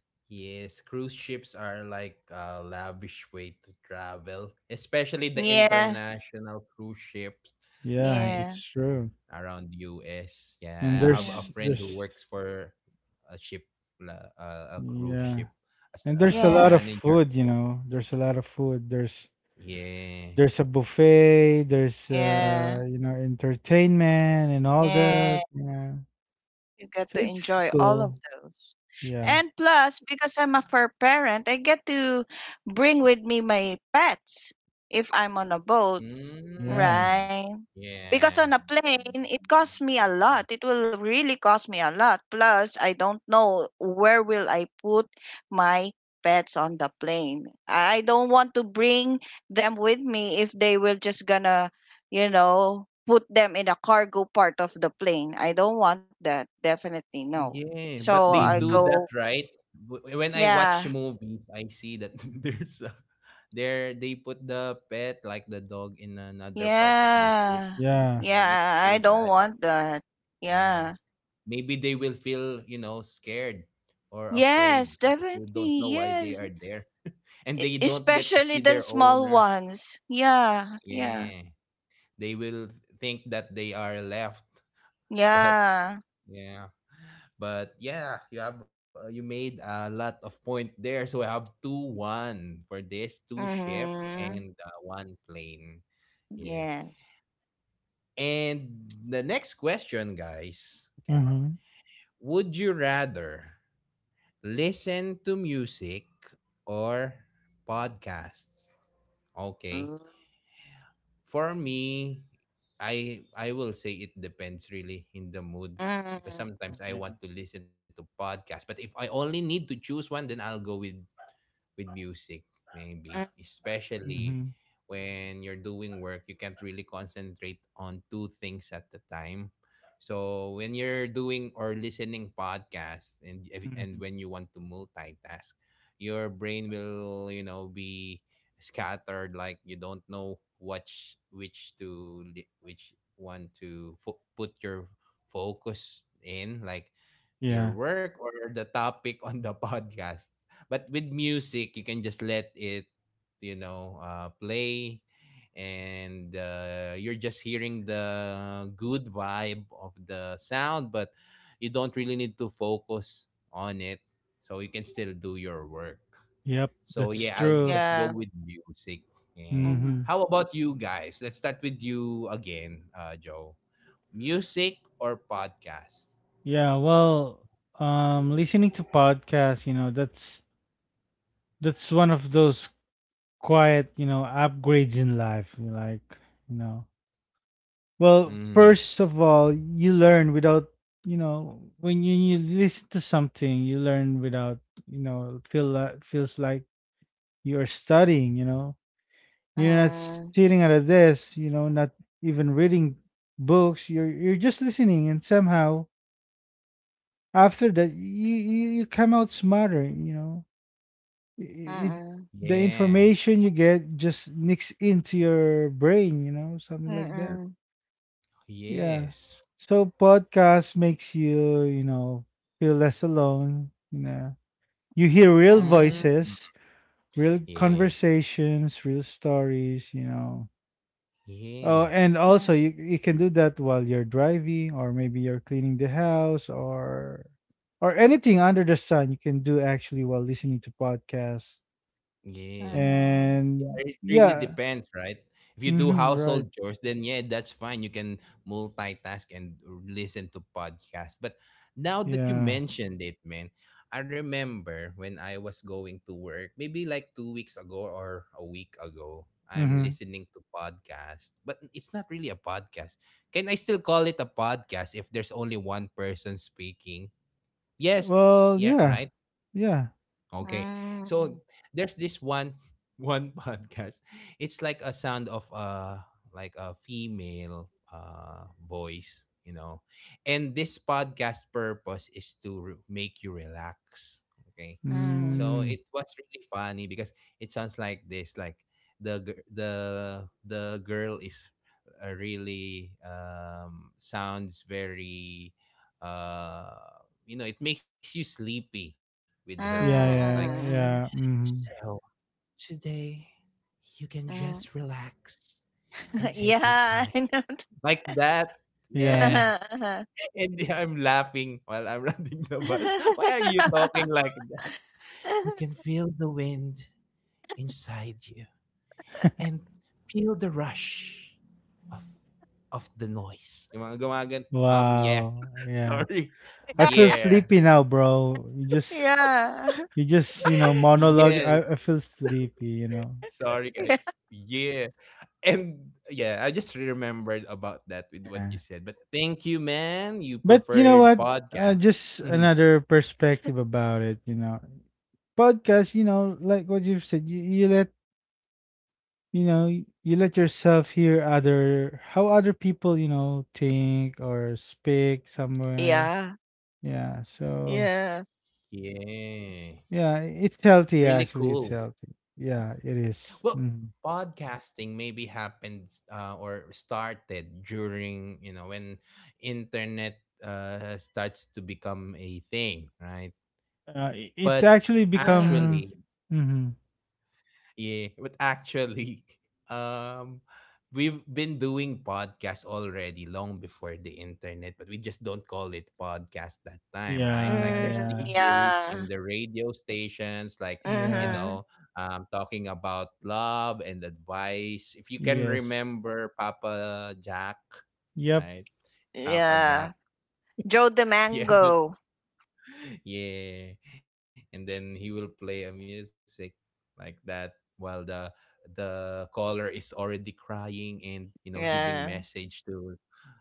Speaker 1: Yes, cruise ships are like a lavish way to travel, especially the
Speaker 2: Yeah,
Speaker 1: international cruise ships,
Speaker 3: Yeah,
Speaker 1: right?
Speaker 3: that's
Speaker 2: yeah,
Speaker 3: true.
Speaker 1: Around the US.
Speaker 3: And
Speaker 1: Yeah, I have
Speaker 2: yeah,
Speaker 1: a
Speaker 3: there's
Speaker 1: friend who
Speaker 3: there's
Speaker 1: works for a ship, a cruise ship
Speaker 3: yeah,
Speaker 1: as
Speaker 3: and
Speaker 1: a
Speaker 3: there's a lot of
Speaker 2: yes,
Speaker 1: manager.
Speaker 3: food. You know, there's a lot of food. There's
Speaker 1: Yeah.
Speaker 3: there's a buffet. There's,
Speaker 2: yeah,
Speaker 3: you know, entertainment and all that.
Speaker 2: yeah.
Speaker 3: Yeah,
Speaker 2: You get to
Speaker 3: so it's
Speaker 2: enjoy all of
Speaker 3: cool.
Speaker 2: those.
Speaker 3: Yeah,
Speaker 2: And plus, because I'm a fur parent, I get to bring with me my pets if I'm on a boat,
Speaker 3: yeah,
Speaker 1: Mm,
Speaker 2: right? Because on
Speaker 1: yeah.
Speaker 2: a plane, it costs me a lot. It will really cost me a lot. Plus, I don't know where will I put my pets on the plane. I don't want to bring them with me if they will just gonna, you know, put them in a cargo part of the plane. I don't want that. Definitely no.
Speaker 1: Yeah, but
Speaker 2: So
Speaker 1: they
Speaker 2: I
Speaker 1: do
Speaker 3: hmm,
Speaker 1: that,
Speaker 2: go,
Speaker 1: right? When I watch
Speaker 2: yeah.
Speaker 1: movies, I see that there's a, there they put the pet like the dog in another part of the ship.
Speaker 2: Yeah.
Speaker 3: yeah,
Speaker 1: Yeah, and it's
Speaker 2: Yeah, I
Speaker 1: too
Speaker 2: don't
Speaker 1: bad.
Speaker 2: want that.
Speaker 1: Yeah.
Speaker 2: Yeah.
Speaker 1: Maybe they will feel, you know, scared or
Speaker 2: Yes,
Speaker 1: afraid because they don't
Speaker 2: definitely.
Speaker 1: know why they
Speaker 2: Yes.
Speaker 1: are there. And they don't get to
Speaker 2: Especially
Speaker 1: see
Speaker 2: the
Speaker 1: their
Speaker 2: small
Speaker 1: owner.
Speaker 2: ones. Yeah. Yeah.
Speaker 1: Yeah. They will think that they are left, but
Speaker 2: Yeah.
Speaker 1: yeah. But yeah, you have you made a lot of point there. So we have two one for this two ships
Speaker 2: Mhm.
Speaker 1: and one plane. Yeah.
Speaker 2: Yes.
Speaker 1: And the next question, guys. Okay.
Speaker 3: hmm,
Speaker 1: Would you rather listen to music or podcasts? Okay.
Speaker 2: Mm.
Speaker 1: For me, I will say it depends really in the mood because
Speaker 2: Mm.
Speaker 1: sometimes I
Speaker 3: yeah,
Speaker 1: want to listen to podcasts. But if I only need to choose one, then I'll go with music, maybe
Speaker 2: Mm.
Speaker 1: especially
Speaker 3: hmm,
Speaker 1: when you're doing work, you can't really concentrate on two things at the time. So when you're doing or listening podcasts, and if- and
Speaker 3: hmm,
Speaker 1: when you want to multitask, your brain will, you know, be scattered, like you don't know which one to put your focus in, like
Speaker 3: yeah.
Speaker 1: your work or the topic on the podcast. But with music you can just let it, you know, play and you're just hearing the good vibe of the sound, but you don't really need to focus on it, so you can still do your work.
Speaker 3: Yep,
Speaker 1: So
Speaker 3: that's
Speaker 1: yeah, I'll
Speaker 3: true.
Speaker 1: just go
Speaker 2: Yeah.
Speaker 1: with music, yeah.
Speaker 2: Mhm.
Speaker 3: Hmm.
Speaker 1: How about you guys? Let's start with you again, Joe. Music or podcast?
Speaker 3: Yeah, well, listening to podcasts, you know, that's one of those quiet, you know, upgrades in life. You Like, you know, well,
Speaker 1: Mm,
Speaker 3: first of all, you learn without, you know, when you listen to something, you learn without, you know, feels like you're studying. You know, you're not
Speaker 2: Mm.
Speaker 3: sitting at a desk. You know, not even reading books. You're just listening, and somehow after that, you come out smarter, you know. It,
Speaker 2: Mm.
Speaker 3: the
Speaker 1: yeah,
Speaker 3: information you get just nicks into your brain, you know, something like that.
Speaker 2: Mm.
Speaker 3: Yeah.
Speaker 1: yes,
Speaker 3: So podcast makes you, you know, feel less alone, you know. You hear real
Speaker 2: Mm.
Speaker 1: mm.
Speaker 3: voices, real
Speaker 1: Yeah.
Speaker 3: conversations, real stories, you know. Oh,
Speaker 1: Yeah.
Speaker 3: and also
Speaker 2: Mm.
Speaker 3: you can do that while you're driving, or maybe you're cleaning the house, or anything under the sun you can do, actually, while listening to podcasts.
Speaker 1: Yeah.
Speaker 2: Mhm.
Speaker 1: Yeah,
Speaker 3: And
Speaker 1: it really
Speaker 3: yeah.
Speaker 1: depends, right? If you do
Speaker 3: Mhm, right.
Speaker 1: household chores, then yeah, that's fine. You can multitask and listen to podcasts. But now that you
Speaker 3: Yeah.
Speaker 1: mentioned it, man, I remember when I was going to work, maybe like 2 weeks ago or a week ago, I'm
Speaker 3: Mhm.
Speaker 1: listening to podcast. But it's not really a podcast. Can I still call it a podcast if there's only one person speaking? Yes, yeah,
Speaker 3: Well,
Speaker 1: right.
Speaker 3: yeah. Yeah.
Speaker 1: Okay. So
Speaker 2: Mm.
Speaker 1: there's this one one podcast. It's like a sound of like a female voice, you know. And this podcast purpose is to make you relax, okay?
Speaker 2: Mm. Mm.
Speaker 1: So
Speaker 3: Mm.
Speaker 1: it was really funny because it sounds like this, like the gir- the the girl is really sounds very you know, it makes you sleepy with her voice. Like,
Speaker 3: Yeah, yeah,
Speaker 2: Mm.
Speaker 3: yeah.
Speaker 1: so
Speaker 3: Mhm.
Speaker 1: today, you can just
Speaker 2: Mm.
Speaker 1: relax and take your time.
Speaker 2: Yeah, I know.
Speaker 1: Like that. Yeah.
Speaker 3: Yeah.
Speaker 2: Uh-huh, uh-huh.
Speaker 1: And I'm laughing while I'm riding the bus. Why are you talking like that? You can feel the wind inside you and feel the rush of of the noise. Yung mga gumagan, yeah.
Speaker 3: Wow. Yeah.
Speaker 1: Sorry.
Speaker 3: I feel
Speaker 2: Yeah.
Speaker 1: Yeah.
Speaker 3: sleepy now, bro. You know,
Speaker 1: yes.
Speaker 3: monologue. I feel sleepy, you know.
Speaker 1: Sorry, guys.
Speaker 2: Yeah.
Speaker 1: Yeah. And yeah, I just remembered about that with what
Speaker 3: Yeah.
Speaker 1: you said. But thank you, man. You
Speaker 3: But you know
Speaker 1: preferred
Speaker 3: what?
Speaker 1: podcast.
Speaker 3: Just
Speaker 1: Mhm.
Speaker 3: another perspective about it, you know. Podcast, you know, like what you've said, you let yourself hear, other how other people, you know, think or speak somewhere,
Speaker 2: Yeah.
Speaker 3: yeah. So
Speaker 2: Yeah.
Speaker 1: Yeah,
Speaker 3: yeah, it's
Speaker 1: it's really
Speaker 3: healthy,
Speaker 1: cool.
Speaker 3: actually. It's healthy, yeah, it
Speaker 1: Well,
Speaker 3: is. Mhm.
Speaker 1: podcasting maybe happened or started during, you know, when internet starts to become a thing, right? But
Speaker 3: It actually
Speaker 1: actually,
Speaker 2: Mhm.
Speaker 3: becomes. Hmm,
Speaker 1: yeah, but actually, um, we've been doing podcasts already long before the internet, but we just don't call it podcast that time, right? Like
Speaker 3: yeah,
Speaker 1: there's
Speaker 2: Mm,
Speaker 3: yeah,
Speaker 1: DJs in
Speaker 2: yeah.
Speaker 1: the radio stations, like you
Speaker 3: yeah,
Speaker 1: know,
Speaker 2: Mhm.
Speaker 1: talking about love and advice. If you can
Speaker 3: yes,
Speaker 1: remember Papa Jack,
Speaker 3: yep,
Speaker 1: right? Papa
Speaker 2: Yeah.
Speaker 1: Jack.
Speaker 2: Joe the
Speaker 1: Yeah, don't
Speaker 2: Mango.
Speaker 1: yeah, and then he will play a music like that while the caller is already crying and you know giving
Speaker 2: Yeah.
Speaker 1: message to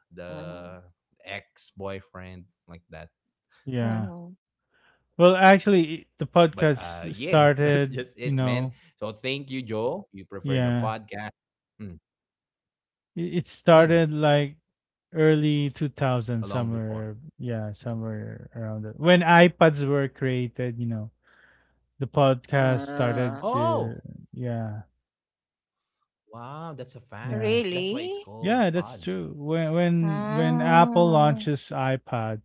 Speaker 1: the
Speaker 2: Mhm.
Speaker 1: ex-boyfriend like that.
Speaker 3: yeah.
Speaker 1: But
Speaker 2: Mhm.
Speaker 1: yeah,
Speaker 3: Well,
Speaker 1: that's just it,
Speaker 3: actually,
Speaker 1: man.
Speaker 3: the
Speaker 1: So thank
Speaker 3: podcast
Speaker 1: you, Joe, you
Speaker 3: started,
Speaker 1: prefer
Speaker 3: you
Speaker 1: the
Speaker 3: know,
Speaker 1: podcast. Mm,
Speaker 3: yeah.
Speaker 1: mm,
Speaker 3: It started like
Speaker 1: along before.
Speaker 3: early 2000
Speaker 1: Mm.
Speaker 3: somewhere, yeah, somewhere around it when iPads were created, you know. The podcast
Speaker 1: Oh
Speaker 3: started
Speaker 2: Uh,
Speaker 3: to, yeah,
Speaker 1: wow, that's a fact, that's why it's
Speaker 3: yeah,
Speaker 1: called
Speaker 2: really?
Speaker 1: pod.
Speaker 3: yeah, That's true. When when Apple
Speaker 2: Mm,
Speaker 3: launches iPad,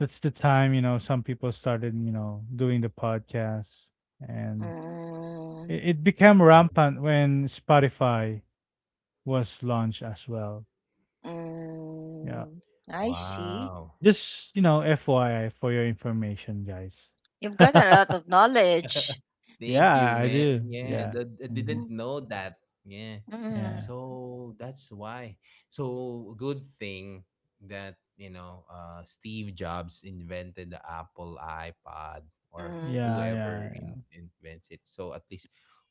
Speaker 3: that's the time, you know, some people started, you know, doing the podcast. And
Speaker 2: mm,
Speaker 3: it became
Speaker 1: I,
Speaker 3: rampant when Spotify was launched as well, yeah.
Speaker 2: mm. I see.
Speaker 1: wow.
Speaker 3: Just, you know, FYI for your information, guys.
Speaker 2: You've got a lot of knowledge.
Speaker 1: Thank you,
Speaker 3: Yeah, I
Speaker 1: man.
Speaker 3: do.
Speaker 1: Yeah,
Speaker 3: Yeah.
Speaker 1: that I
Speaker 3: Mhm.
Speaker 1: didn't
Speaker 2: Mm,
Speaker 1: know that. Yeah.
Speaker 2: mm,
Speaker 3: Yeah.
Speaker 1: So that's why. So good thing that, you know, Steve Jobs invented the Apple iPod, or
Speaker 2: mm.
Speaker 3: Yeah,
Speaker 1: whoever
Speaker 3: yeah, yeah.
Speaker 1: invents it. So at least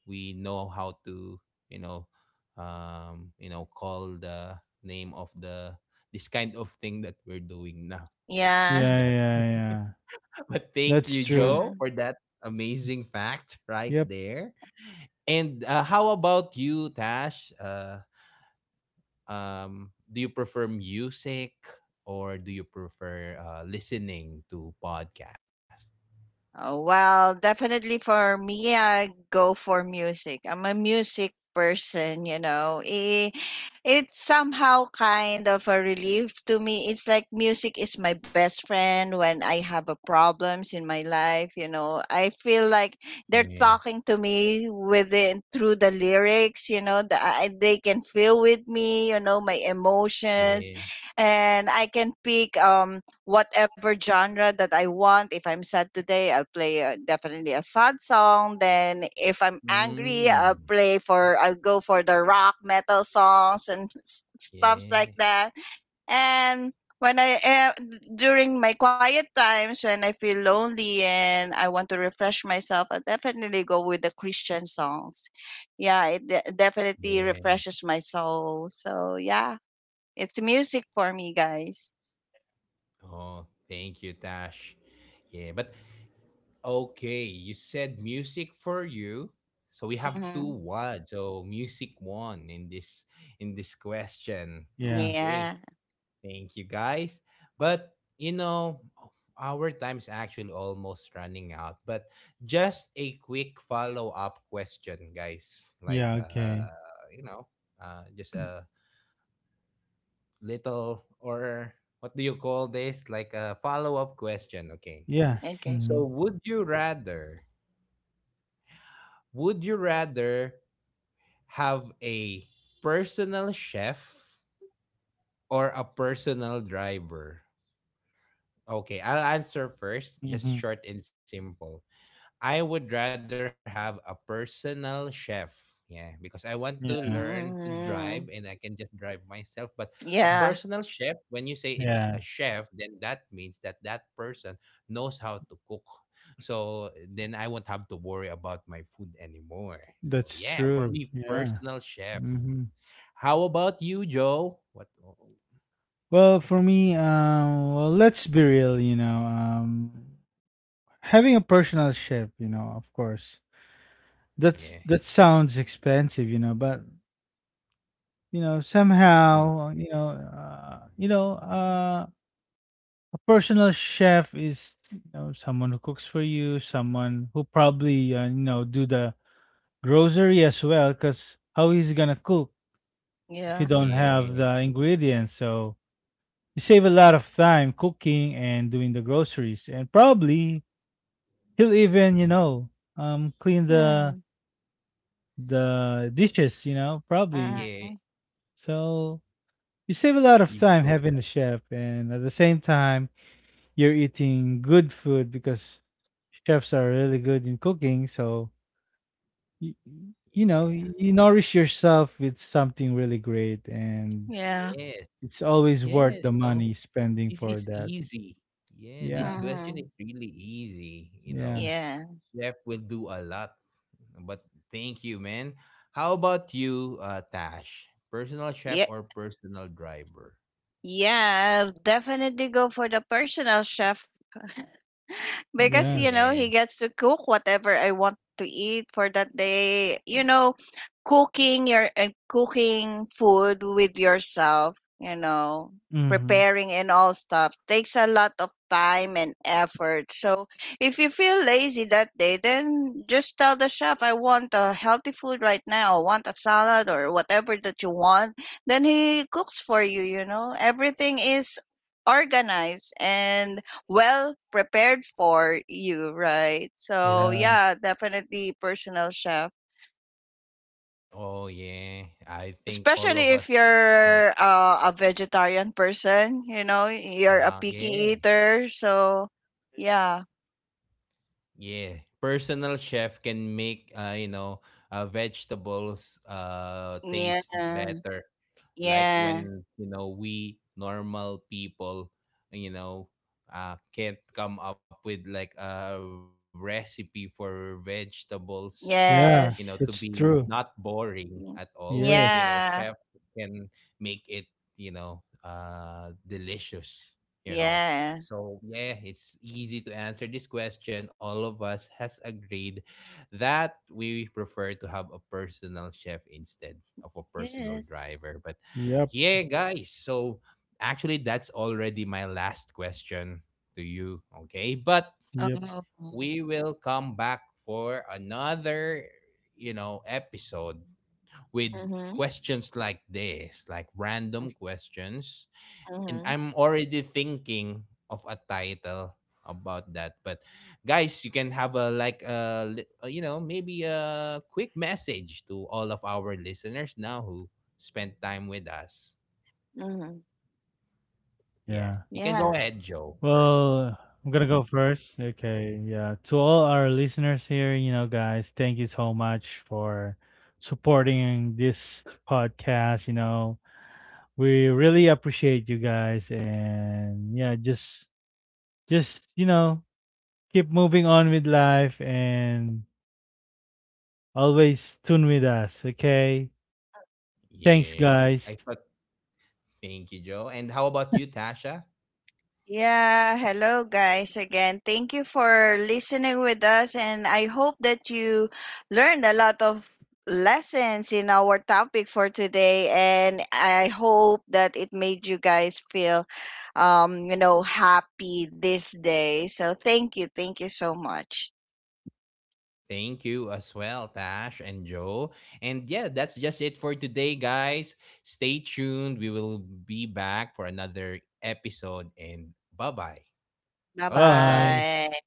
Speaker 1: we know how to, you know, you know, call the name of the this kind of thing that we're doing now
Speaker 2: Yeah.
Speaker 1: because of
Speaker 3: Yeah,
Speaker 1: that.
Speaker 3: yeah, yeah.
Speaker 1: But thank
Speaker 3: That's
Speaker 1: you,
Speaker 3: true.
Speaker 1: Joe,
Speaker 2: Mm-hmm.
Speaker 1: for that amazing fact right
Speaker 3: Yep.
Speaker 1: there. And how about you, Tash? Do you prefer music or do you prefer listening to podcasts?
Speaker 2: Oh, well, definitely for me, I go for music. I'm a music person, you know. It's somehow kind of a relief to me. It's like music is my best friend when I have a problems in my life, you know. I feel like they're
Speaker 1: Yeah,
Speaker 2: talking to me within through the lyrics, you know, that I, they can feel with me, you know, my emotions,
Speaker 1: yeah.
Speaker 2: and I can pick, whatever genre that I want. If I'm sad today, I'll play, definitely a sad song. Then if I'm angry,
Speaker 1: Mm,
Speaker 2: I'll go for the rock metal songs and stuffs like
Speaker 1: yeah,
Speaker 2: that. And when I during my quiet times, when I feel lonely and I want to refresh myself, I definitely go with the Christian songs. Yeah, it definitely
Speaker 1: yeah.
Speaker 2: refreshes my soul. So yeah, it's music for me, guys.
Speaker 1: Oh, thank you, Tash. Yeah, but okay, you said music for you. So we have two
Speaker 2: Hmm.
Speaker 1: what? So music one in this question.
Speaker 3: Yeah.
Speaker 1: Okay.
Speaker 2: Yeah.
Speaker 1: Thank you, guys. But you know, our time's actually almost running out. But just a quick follow-up question, guys. Like
Speaker 3: Yeah, okay.
Speaker 1: you know, just a little or what do you call this? Like a follow-up question, okay.
Speaker 3: Yeah.
Speaker 2: Okay.
Speaker 1: So
Speaker 3: Mhm.
Speaker 1: would you rather have a personal chef or a personal driver? Okay, I'll answer first, just
Speaker 3: Mhm.
Speaker 1: short and simple. I would rather have a personal chef. Yeah, because I want to learn
Speaker 3: Yeah.
Speaker 1: to drive and
Speaker 2: Mm,
Speaker 1: I can just drive myself. But a
Speaker 2: yeah,
Speaker 1: personal chef, when you say it's a
Speaker 3: Yeah.
Speaker 1: chef, then that means that that person knows how to cook. So then I won't have to worry about my food anymore. So
Speaker 3: That's
Speaker 1: yeah, for
Speaker 3: true.
Speaker 1: me,
Speaker 3: Yeah.
Speaker 1: personal chef.
Speaker 3: Mhm.
Speaker 1: How about you, Joe? What? Oh,
Speaker 3: Well, for me, well, let's be real, you know, having a personal chef, you know, of course,
Speaker 1: yeah.
Speaker 3: that sounds expensive, you know. But you know,
Speaker 1: Mm.
Speaker 3: somehow, you know, a personal chef is, you know, someone who cooks for you, someone who probably, you know, do the grocery as well, because how he's gonna cook if you
Speaker 2: yeah.
Speaker 3: don't have
Speaker 1: Yeah.
Speaker 3: the ingredients? So you save a lot of time cooking and doing the groceries, and probably he'll even, you know, clean the
Speaker 2: Mm,
Speaker 3: the dishes, you know, probably.
Speaker 1: Yeah.
Speaker 2: mm,
Speaker 3: So you save a lot of
Speaker 1: You can
Speaker 3: time
Speaker 1: go with
Speaker 3: having the
Speaker 1: that.
Speaker 3: chef, and at the same time you're eating good food, because chefs are really good in cooking. So you, you know
Speaker 1: Yeah.
Speaker 3: you nourish yourself with something really great, and
Speaker 2: yeah.
Speaker 1: Yes.
Speaker 3: it's always worth
Speaker 1: Yeah.
Speaker 3: the
Speaker 1: You know.
Speaker 3: money spending
Speaker 1: This
Speaker 3: for
Speaker 1: is
Speaker 3: that.
Speaker 1: easy. Yeah, this
Speaker 3: Yeah,
Speaker 1: question
Speaker 2: Mm,
Speaker 1: is really easy. You
Speaker 3: yeah,
Speaker 1: know,
Speaker 2: yeah.
Speaker 1: chef will do a lot. But thank you, man. How about you, Tash? Personal chef
Speaker 2: Yeah.
Speaker 1: or personal driver?
Speaker 2: Yeah, I'll definitely go for the personal chef, because
Speaker 3: yeah.
Speaker 2: you
Speaker 1: Yeah.
Speaker 2: know he gets to cook whatever I want to eat for that day. You know, cooking food with yourself, you know,
Speaker 3: Hmm,
Speaker 2: preparing and all stuff takes a lot of time and effort. So if you feel lazy that day, then just tell the chef, "I want a healthy food right now. I want a salad or whatever that you want." Then he cooks for you, you know. Everything is organized and well prepared for you, right? So,
Speaker 3: yeah,
Speaker 2: yeah, definitely personal chef.
Speaker 1: Oh, yeah. I think all of
Speaker 2: Especially
Speaker 1: us.
Speaker 2: if
Speaker 1: Mm.
Speaker 2: you're a vegetarian person, you know, you're a
Speaker 1: Wow. Yeah.
Speaker 2: picky eater. So, yeah.
Speaker 1: Yeah. Personal chef can make, you know, vegetables taste
Speaker 2: Yeah.
Speaker 1: better, like
Speaker 2: Yeah.
Speaker 1: when you know we normal people, you know, can't come up with like a recipe for vegetables, you know, to
Speaker 3: yeah,
Speaker 2: Yes.
Speaker 1: be
Speaker 3: that's
Speaker 1: not
Speaker 3: true,
Speaker 1: boring at
Speaker 2: Y-
Speaker 1: all. But you know,
Speaker 3: yes,
Speaker 1: chef
Speaker 2: Yeah.
Speaker 1: can make it, you know, delicious, you know.
Speaker 2: Yeah.
Speaker 1: So yeah, it's easy to answer this question. All of us has agreed that we prefer to have a personal chef instead of a personal
Speaker 2: Yes.
Speaker 1: driver. But
Speaker 3: yep,
Speaker 1: yeah, guys, so actually that's already my last question to you, okay. But
Speaker 3: yep,
Speaker 2: Oh.
Speaker 1: we will come back for another, you know, episode with
Speaker 2: Mm-hmm.
Speaker 1: questions like this, like random questions. And
Speaker 2: Mm-hmm.
Speaker 1: I'm already thinking of a title about that. But guys, you can have a like a you know, maybe a quick message to all of our listeners now who spent time with us.
Speaker 2: Mm-hmm.
Speaker 1: Yeah.
Speaker 3: yeah.
Speaker 1: You can
Speaker 2: Yeah.
Speaker 1: go ahead, Joe, first.
Speaker 3: Well, I'm gonna go first. Okay, yeah. To all our listeners here, you know, guys, thank you so much for supporting this podcast. You know, we really appreciate you guys, and yeah, just you know, keep moving on with life, and always tune with us. Okay, thanks,
Speaker 1: Yeah. I
Speaker 3: guys.
Speaker 1: thought thank you, Joe. And how about you, Tasha?
Speaker 2: Yeah. Hello, guys, again. Thank you for listening with us. And I hope that you learned a lot of lessons in our topic for today. And I hope that it made you guys feel, you know, happy this day. So thank you. Thank you so much.
Speaker 1: Thank you as well, Tash and Joe. And yeah, that's just it for today, guys. Stay tuned. We will be back for another episode. And bye bye.
Speaker 2: Bye
Speaker 1: Bye bye,
Speaker 3: Bye.
Speaker 1: guys.
Speaker 2: bye.